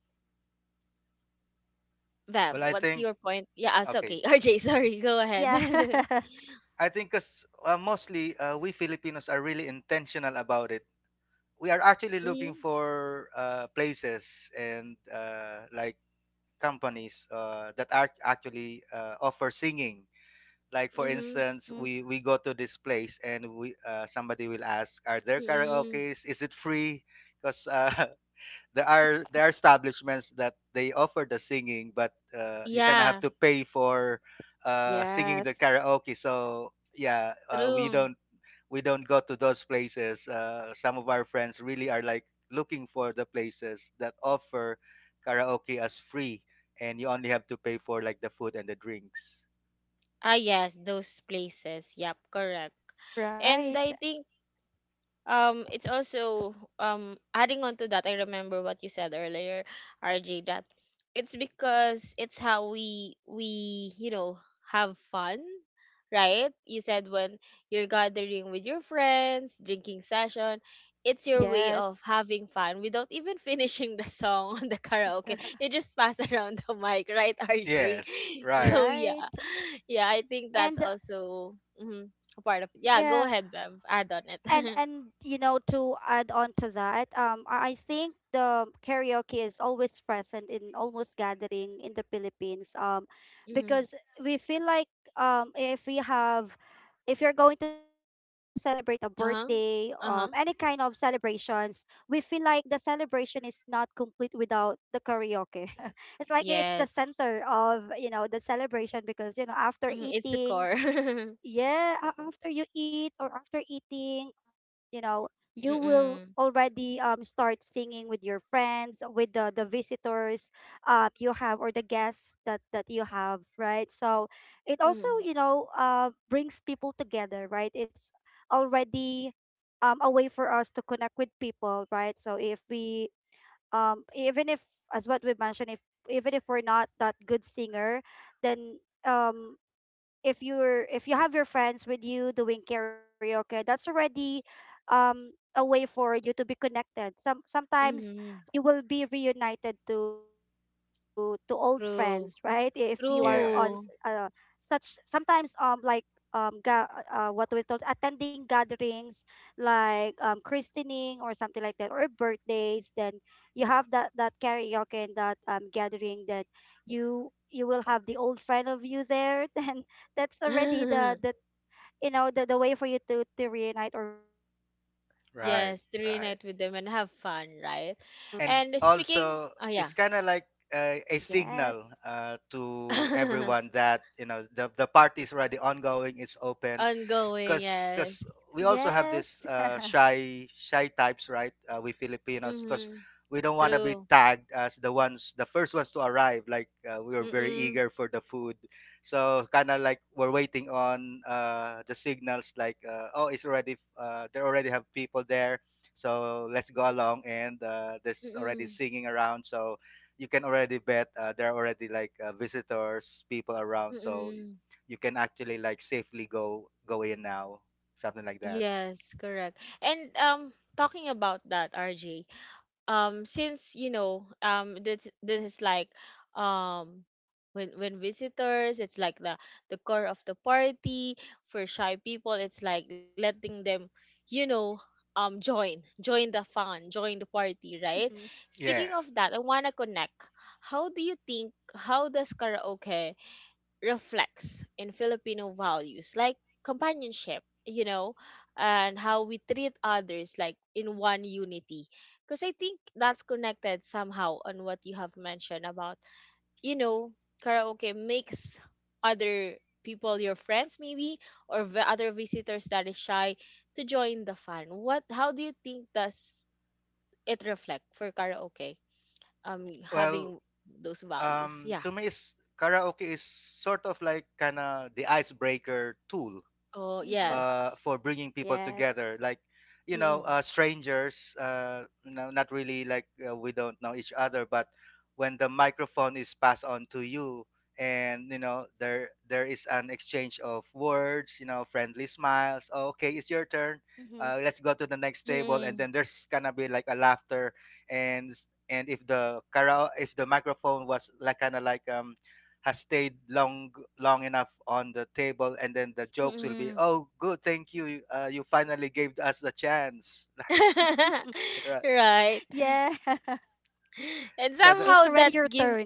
Bev,
Well,
what's your point? Yeah, it's
okay
okay. RJ, sorry, go ahead.
Yeah.
I think because mostly we Filipinos are really intentional about it. We are actually
Mm-hmm,
looking for places and, like, companies that are actually offer singing. Like, for
mm-hmm,
instance,
Mhm.
we go to this place, and we, somebody will ask, are there
mm-hmm.
karaoke's, is it free? Because there are establishments that they offer the singing, but you kind of have
Yeah,
to pay for singing the
Yes.
karaoke. So yeah, we
true.
don't we don't go to those places. Some of our friends really are like looking for the places that offer karaoke as free, and you only have to pay for like the food and the drinks.
Ah, yes, those places. Yep, correct. And
Right.
I think it's also adding on to that, I remember what you said earlier, RJ, that it's because it's how we have fun, right? You said when you're gathering with your friends, drinking session, it's your way of
Yes.
having fun without even finishing the song on the karaoke. You just pass around the mic, right, RJ?
Yes, right.
So
Right.
yeah, yeah, I think that's
And
also, mhm, a part of it. Yeah, go
yeah,
ahead, Bev, add on
and
it.
and you know, to add on to that, I think the karaoke is always present in almost gathering in the Philippines,
Mhm.
because we feel like, if we have, if you're going to celebrate a birthday,
Uh-huh.
any kind of
Uh-huh.
celebrations, we feel like the celebration is not complete without the karaoke. It's like it's the center
Yes.
of, you know, the celebration, because you know, after
Mhm. It's the
eating,
core.
yeah, after you eat or after eating, you know, you will
Mm-mm.
already start singing with your friends, with the visitors, you have, or the guests that that you have, right? So it also,
Mm.
you know, brings people together, right? It's already a way for us to connect with people, right? So if we, even if, as what we mentioned, if even if we're not that good singer, then if you're, if you have your friends with you doing karaoke, that's already um a way for you to be connected. Some sometimes
Mm-hmm.
you will be reunited to old friends, right? If you
True.
are on
Yeah,
True.
such sometimes like, what we told, attending gatherings like christening or something like that or birthdays, then you have that that karaoke and that gathering, that you will have the old friend of you there, then that's already the, you know, the way for you to reunite or reconnect. So
right,
Yes, to
yeah.
right.
reunite with them and have fun, right?
And
And speaking,
also,
oh
it's
yeah.
kind of like
Yes.
a signal to everyone that, you know, the party is already ongoing, it's open.
Ongoing,
Because
yes.
we
Yes.
also have this shy types, right? Uh, we Filipinos, because
Mm-hmm.
we don't want to be
True.
tagged as the ones, the first ones to arrive, like we were very
Mm-mm.
eager for the food. So, kind of like we're waiting on the signals, like, oh, it's already, they already have people there, so let's go along. And there's already
Mm-mm.
singing around, so you can already bet there are already like visitors, people around. So
Mm-mm.
you can actually like safely go in now, something like that.
Yes, correct. And talking about that, RJ, since this is like, um when visitors it's like the core of the party. For shy people, it's like letting them, you know join, the fun, join the party, right?
Mm-hmm.
Speaking
Yeah.
of that, I want to connect, how do you think, how does karaoke reflects in Filipino values like companionship, you know, and how we treat others like in one unity. Because I think that's connected somehow on what you have mentioned about, you know, karaoke makes other people your friends maybe or the other visitors that is shy to join the fun. What, how do you think does it reflect for karaoke
Well,
having those values? Yeah.
to me, is karaoke is sort of like kind of the icebreaker tool
Oh
Mm-hmm.
yes.
for bringing people
Yes.
together. Like, you know, strangers, no, not really, like we don't know each other, but when the microphone is passed on to you, and you know there there is an exchange of words, you know, friendly smiles, oh, okay, it's your turn,
Mm-hmm.
let's go to the next table. And
Mm-mm.
then there's gonna be like a laughter. And if the microphone was like kind of like has stayed long long enough on the table, and then the jokes will be,
Mm.
oh, good, thank you, you finally gave us the chance, like, right.
Yeah.
Right.
It's already
And
So
your
the,
somehow
turn.
that gives,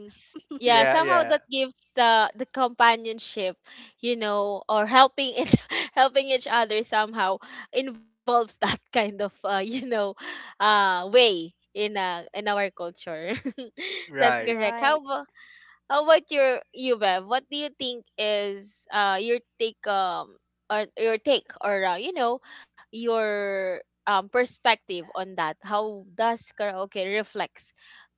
yeah,
yeah,
somehow
yeah,
that gives the companionship, you know, or helping each, helping each other, somehow involves that kind of you know, way in our culture. That's
right,
correct.
Right.
How about you, Bev? What do you think is your take, or your take or you know, your perspective on that? How does karaoke reflects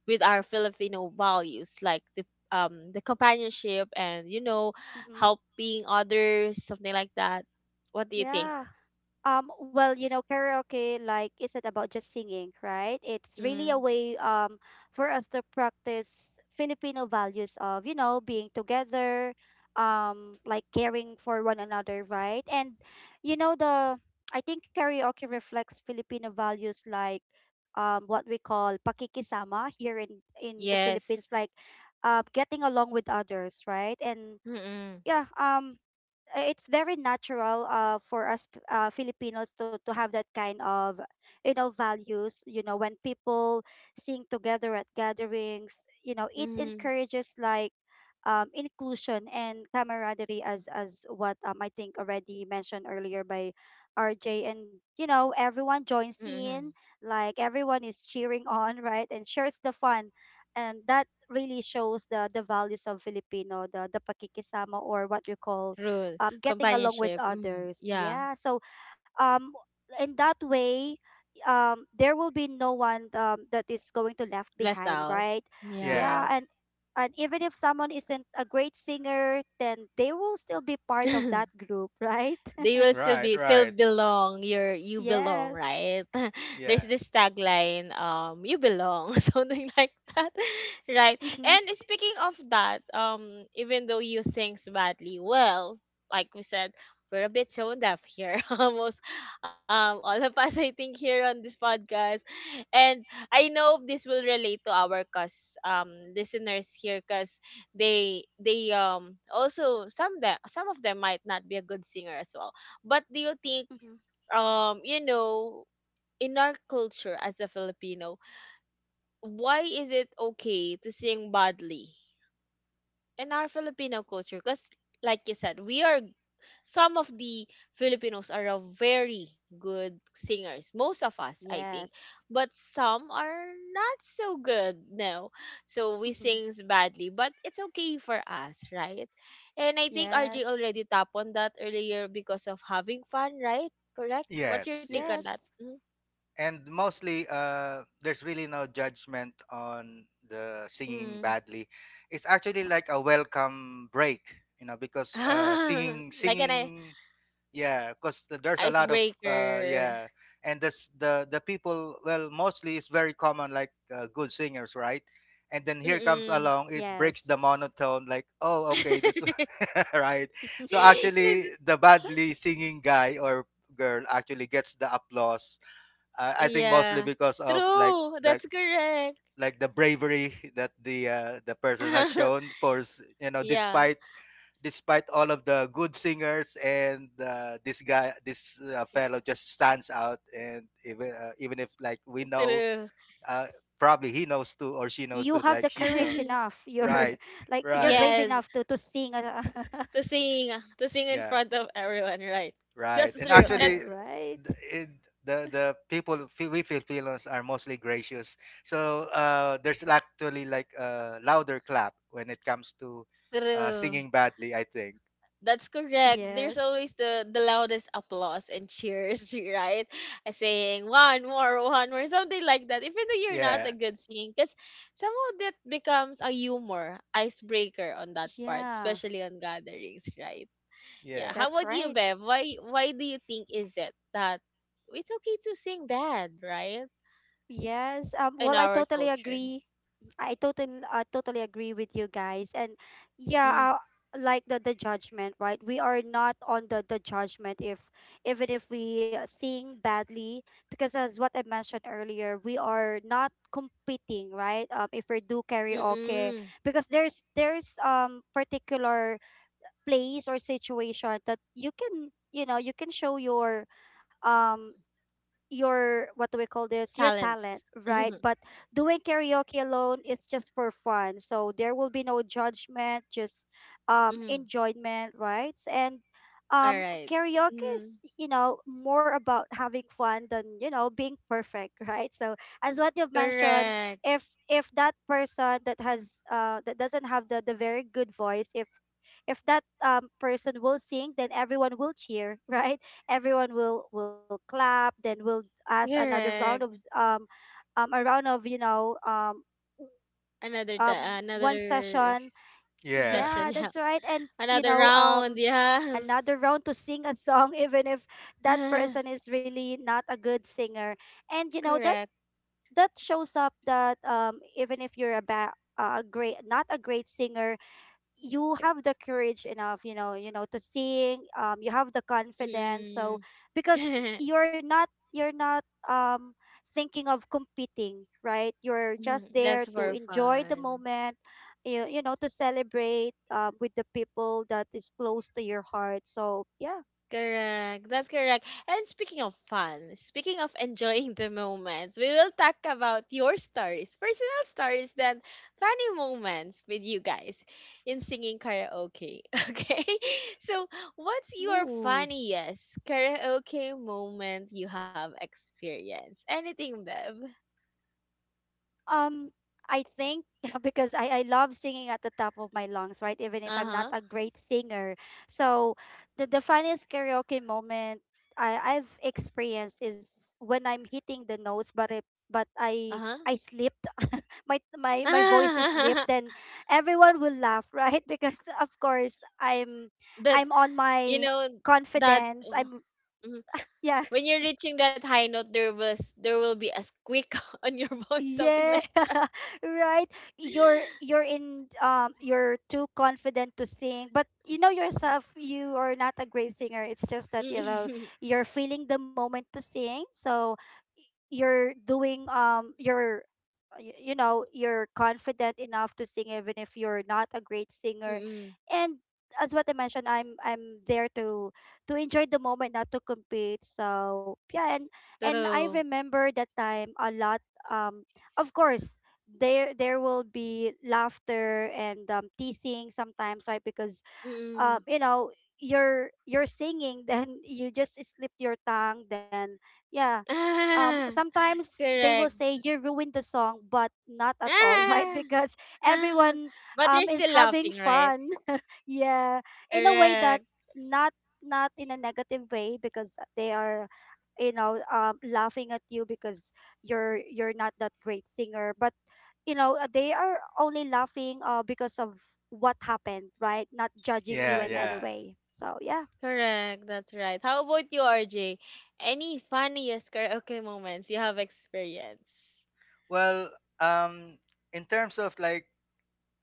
with our Filipino values like the companionship, and you know,
Mm-hmm.
helping others, something like that? What do you think?
Yeah. Well, you know, karaoke like isn't about just singing, right? It's really a
Mm,
way for us to practice Filipino values of, you know, being together, like caring for one another, right? And you know, the, I think karaoke reflects Filipino values like what we call pakikisama here in the
yes.
Philippines, like getting along with others, right? And
Mm-mm.
yeah, it's very natural, for us Filipinos, to have that kind of, you know, values, you know, when people sing together at gatherings, you know, it
Mm-mm.
encourages like inclusion and camaraderie, as what, I think already mentioned earlier by RJ, and you know, everyone joins
Mm-mm.
in, like everyone is cheering on, right? And shares the fun, and that really shows the values of Filipino, the pakikisama, or what you call
True.
getting along with
Companionship. Mm,
others.
yeah.
Yeah. So, um, in that way, there will be no one that is going to left
Left
behind,
out.
right?
Yeah.
Yeah,
yeah,
and even if someone isn't a great singer, then they will still be part of that group, right?
They will still
right,
be feel
right,
belong. You belong,
Yes.
right?
yeah.
There's this tagline, you belong, something like that. Right.
Mm-hmm.
And speaking of that, even though you sings badly, well, like we said, we're a bit tone deaf here, almost all of us, I think, here on this podcast, and I know this will relate to our cause, listeners here, because they also, some that some of them might not be a good singer as well. But do you think,
Mm-hmm.
um you know in our culture as a Filipino, why is it okay to sing badly, in our Filipino culture? Because like you said, we are, some of the Filipinos are a very good singers. Most of us, I think,
Yes.
but some are not so good. No, so we
Mhm.
sings badly, but it's okay for us, right? And I think RJ
Yes.
already tapped on that earlier because of having fun, right? Correct. What's your
Yes,
take
Yes.
on that?
yes. And mostly, there's really no judgment on the singing
Mm.
badly. It's actually like a welcome break, you know, because
Mm. Like an
singing, yeah, because there's a lot of
icebreaker.
yeah. And this the people, well, mostly it's very common, like good singers, right? And then here comes
Mm-mm.
along, it
Yes.
breaks the monotone, like, oh, okay, this right. So
This.
actually, the badly singing guy or girl actually gets the applause, I think mostly
Yeah.
because of, like,
True.
like
That's correct.
like the bravery that the person has shown for you know,
Yeah.
despite despite all of the good singers. And this guy, this fellow just stands out. And even, even if, like, we know,
True.
uh, probably he knows
You
too,
have the
or she knows
courage
too, like
enough.
she's the,
You're like
right,
you're brave enough
right,
Yes.
to sing.
To sing. To sing in
yeah,
front of everyone, right?
right.
That's
And
true.
actually,
And
Right.
the it, the people, we Filipinos are mostly gracious, so there's actually like a louder clap when it comes to
true.
singing badly, I think.
That's correct. There's
Yes.
always the loudest applause and cheers, right? Saying one more, something like that. Even though you're not a
Yeah,
good singing, because somehow that becomes a humor icebreaker on that part,
Yeah.
especially on gatherings, right? Yeah.
yeah,
How
That's
about you,
right.
Bev? Why do you think is it that it's okay to sing bad, right?
Yes.
In
Well, I
our
totally
culture.
agree. I totally, I totally agree with you guys. And yeah,
Mm.
like the judgment, right? We are not on the judgment if even if we sing badly, because as what I mentioned earlier, we are not competing, right? If we do
Mm-mm.
karaoke, because there's particular place or situation that you can, you know, you can show your um your, what do we call this, your
Talents.
talent, right? But doing karaoke alone is just for fun, so there will be no judgment, just
Mm.
enjoyment, right? And
All right.
karaoke
Mm.
is, you know, more about having fun than, you know, being perfect, right? So as what you've mentioned,
Correct.
if that person that has that doesn't have the very good voice, if that person will sing, then everyone will cheer, right? Everyone will clap, then we'll ask another round of
Correct.
a round of, you know,
Another
one
another
session.
yeah.
session,
Yeah,
yeah.
that's right. And you
Another
know,
round, yes.
another round to sing a song, even if that person is really not a good singer. And you know that
Correct.
that shows up that, even if you're a great, not a great singer, you have the courage enough, you know, you know to sing, you have the confidence, so
Mm.
because you're not, you're not um thinking of competing, right? You're just
Mm,
there
that's
to
for
enjoy the
fun.
moment, you know, to celebrate with the people that is close to your heart. So yeah.
Correct. That's correct. And speaking of fun, speaking of enjoying the moments, we will talk about your stories, personal stories, then funny moments with you guys in singing karaoke. Okay. So, what's your
Ooh.
funniest karaoke moment you have experienced? Anything, Bev?
Um, I think because I love singing at the top of my lungs, right? Even if
Uh
I'm not
huh.
a great singer. So the funniest karaoke moment I've experienced is when I'm hitting the notes, but it, but I
Uh
I slipped. My voice is slipped,
huh.
then everyone will laugh, right? Because of course I'm
That,
I'm on
you
my
know, that.
confidence,
Oh,
I'm.
mm-hmm.
Yeah.
When you're reaching that high note, there will be a squeak on your voice, something
Yeah,
like.
right. You're in you're too confident to sing, but you know yourself you are not a great singer. It's just that you know
Mm-mm.
you're feeling the moment to sing. So you're doing, you're, you know, you're confident enough to sing even if you're not a great singer.
Mm-mm.
And as what I mentioned, I'm there to enjoy the moment, not to compete. So yeah. And
True.
I remember that time a lot. um of course, there will be laughter and, teasing sometimes, right? Because,
Mm-mm.
you know, you're singing, then you just slip your tongue, then yeah.
Ah,
Sometimes they
correct.
will say you ruined the song, but not at all,
Ah,
right? Because
ah.
everyone
But they're still
is
laughing,
having
right?
fun, yeah, in a way
Correct.
that not, not in a negative way, because they are, you know, laughing at you because you're not that great singer, but you know, they are only laughing because of what happened, right? Not judging you
Yeah,
in
Mm-mm.
any
yeah.
way, so yeah.
Correct. That's right. How about you, RJ? Any funniest karaoke moments you have experienced?
Well, um, in terms of like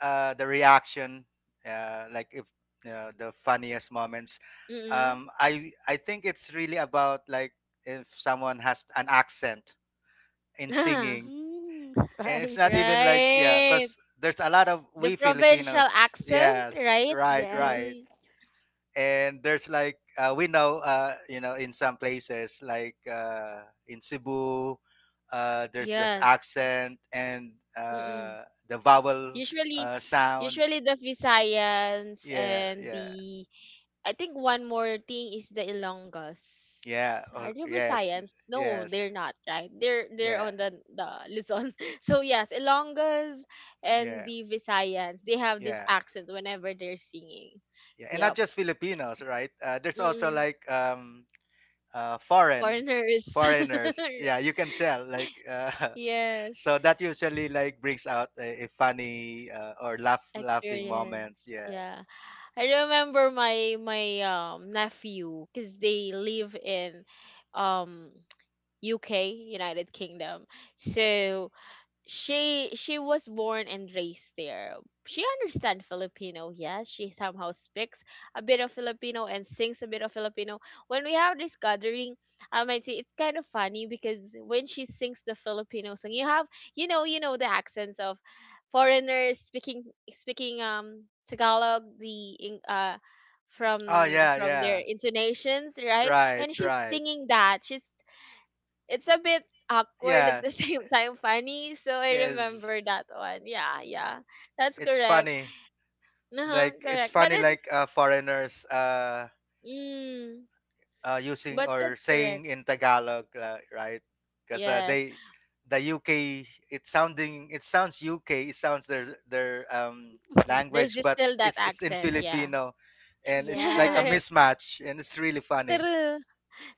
the reaction, like if you, the funniest moments,
Mm-mm.
I think it's really about, like, if someone has an accent in singing.
Mm,
And it's not
right.
even like, yeah,
Right.
because there's a lot of
The
we
provincial
Filipinos.
accent,
Yes,
right?
right, right.
Mm-mm.
Yes.
And there's like, we know, you know, in some places like, in Cebu, there's this
Yes.
accent, and
Mm-mm.
the vowel
Usually, usually
sounds,
the Visayans
yeah,
and
yeah,
the, I think one more thing is the Ilonggos.
yeah, or
Are they
yes,
Visayans? No, they're
yes,
not, right? They're on
yeah,
the Luzon. So yes, Ilonggos and
yeah,
the Visayans, they have this
yeah,
accent whenever they're singing.
yeah. And
Yep.
not just Filipinos, right? Uh, there's also
Mm-mm.
like, uh, foreign
Foreigners.
foreigners, yeah. You can tell, like,
Yes.
so that usually like brings out a funny, or laughing moment.
Experience,
Yeah.
yeah. I remember my my nephew, because they live in um UK, United Kingdom, so she was born and raised there. She understands Filipino, yes. She somehow speaks a bit of Filipino and sings a bit of Filipino. When we have this gathering, I might say it's kind of funny because when she sings the Filipino song, you have the accents of foreigners speaking, speaking Tagalog, the
Oh yeah,
from their
yeah.
intonations, right?
Right,
And she's
right.
singing that. She's, it's a bit awkward at the
Yeah.
same time funny, so I remember
Yes.
that one. Yeah, yeah, that's
It's
correct.
funny.
Uh-huh,
Like, it's
correct. But
funny,
it's,
like, foreigners,
mm, but
using or
that's correct.
saying in Tagalog, right? Because
Yes,
they, the UK, it's sounding, it sounds UK, it sounds their
Mhm.
there's
language,
this
but
still that
it's in
accent. Yeah.
Filipino. And
Yeah.
it's like a mismatch, and it's really funny.
True.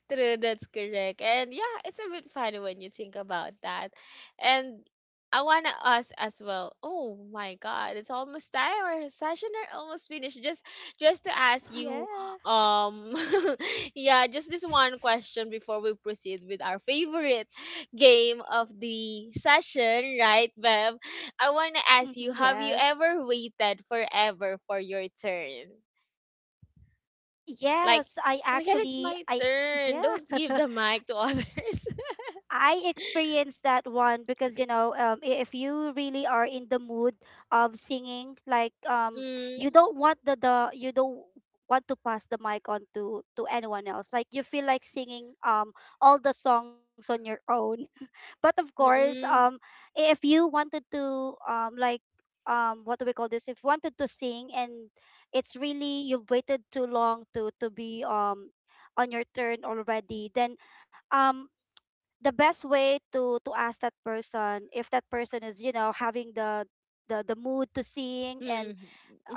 True, that's correct. And yeah, it's a bit funny when you think about that. And I wanna ask as well. Oh my god, it's almost time. Our session are almost finished. Just to ask you,
Yeah.
um yeah, just this one question before we proceed with our favorite game of the session, right, Bev? I
Hmm.
wanna ask you, have
Yes.
you ever waited forever for your turn?
Yes,
Like,
I
"Oh my God,
actually
it's
I.
my turn.
Yeah.
Don't give the mic to others."
I experienced that one, because you know, if you really are in the mood of singing, like, you
Mm,
don't want the, you don't want to pass the mic on to anyone else. Like you feel like singing all the songs on your own. But of course,
mm-mm,
if you wanted to like, what do we call this? If you wanted to sing and it's really you've waited too long to be on your turn already, then um the best way to ask that person if that person is, you know, having the mood to sing, and
mm-mm,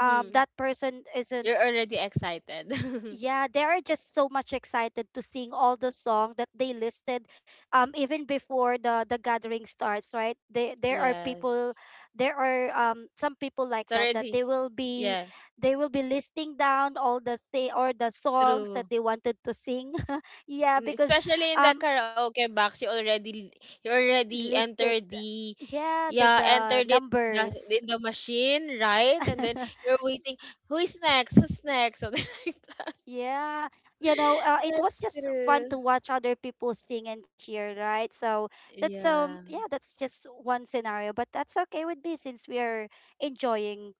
that person isn't,
You're already excited.
yeah, they are just so much excited to sing all the song that they listed even before the gathering starts, right? They, there are
Yes.
people, there are some people like
It's
that, that
already,
they will be,
yeah,
they will be listing down all the thing or the songs that
true.
they wanted to sing, yeah,
Mm,
because
especially in the
um
karaoke box, you already, you already
listed,
entered the,
yeah,
yeah,
the
entered it
numbers.
in the machine, right? And then you're waiting, who is next? Who's next? Something like that.
Yeah, you know, it was
That's
just fun
true.
to watch other people sing and cheer, right? So that's
Yeah.
yeah, that's just one scenario, but that's okay with me since we are enjoying.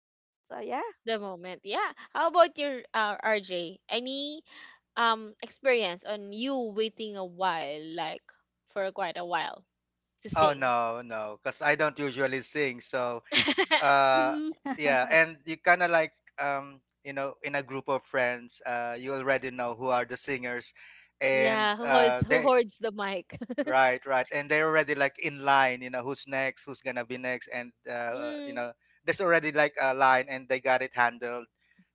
So yeah.
The moment. Yeah. How about your RJ? Any experience on you waiting a while, like for quite a while to
Oh,
sing?
no, no, cause I don't usually sing. So, uh,
Mm.
yeah. And you kinda like, you know, in a group of friends, you already know who are the singers, and,
Yeah, who holds, who
they,
hoards the mic?
right, right. And they're already, like, in line, you know, who's next, who's gonna be next, and, you
Mm,
know, there's already, like, a line, and they got it handled.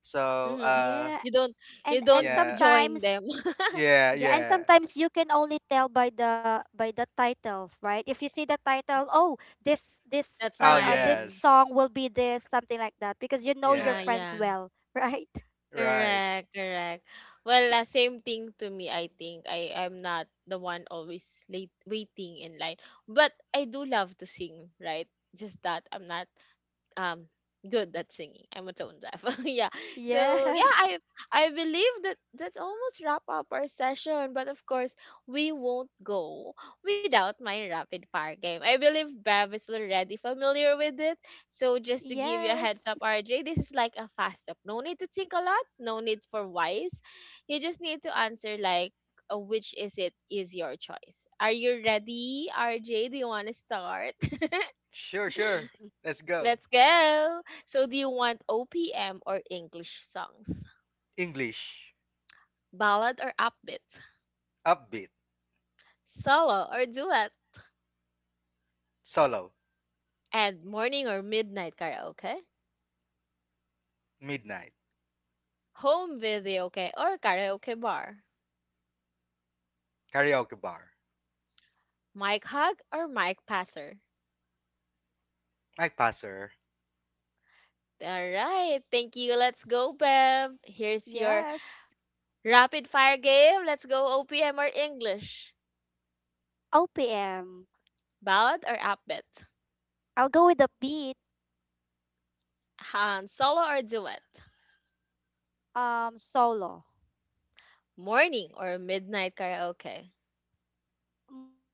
So,
hmm.
Yeah.
You don't,
and
you
and
don't
yeah.
join
sometimes,
them.
Yeah,
yeah, and
yeah.
sometimes you can only tell by the title, right? If you see the title, oh, this
That's
Oh,
this
mine.
yes.
song will be this, something like that, because you know your
Ah
Yeah,
friends
yeah.
well, right?
right.
Correct, correct. Well,
So
same thing to me. I think I am not the one always late waiting in line, but I do love to sing, right? Just that I'm not um good at singing. I'm a tone deaf. Yeah. So
Yes.
yeah, I believe that that's almost wrap up our session. But of course, we won't go without my rapid fire game. I believe Bev is already familiar with it. So just to give
Yes.
you a heads up, RJ, this is like a fast talk. No need to think a lot. No need for wise. You just need to answer like, which is it, is your choice. Are you ready, RJ? Do you want to start?
sure, sure.
Mm,
Let's go.
Let's go. So, do you want OPM or English songs?
English.
Ballad or upbeat?
Upbeat,
Solo or duet?
solo,
And morning or midnight karaoke?
midnight,
Home video karaoke or karaoke bar?
karaoke bar.
Mic hug or mic passer?
My passer.
All right. Thank you. Let's go, Bev. Here's your
yes.
rapid fire game. Let's go, OPM or English?
OPM.
Ballad or upbeat?
I'll go with the beat.
Han solo or duet?
Solo.
Morning or midnight karaoke?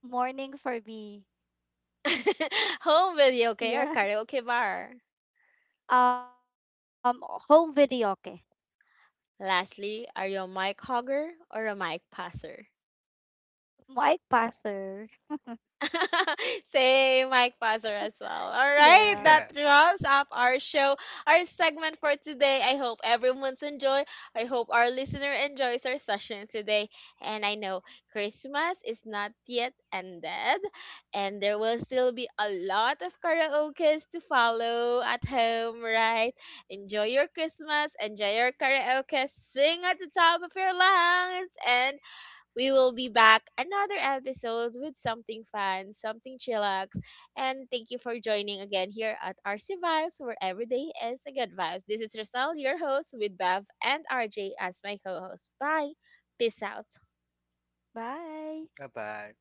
Morning for me.
Home video, okay, or karaoke
Yeah.
bar.
Um Home video, okay.
Lastly, are you a mic hogger or a mic passer?
Mike Passer.
Same, Mike Passer as well. All right, that
Yeah.
Yeah.
wraps up our show, our segment for today. I hope everyone's enjoy. I hope our listener enjoys our session today. And I know Christmas is not yet ended, and there will still be a lot of karaokes to follow at home, right? Enjoy your Christmas, enjoy your karaoke, sing at the top of your lungs, and we will be back another episode with something fun, something chillax. And thank you for joining again here at RC Vibes, where every day is a good vibes. This is Rosal, your host, with Bev and RJ as my co host. Bye. Peace out.
Bye.
Bye bye.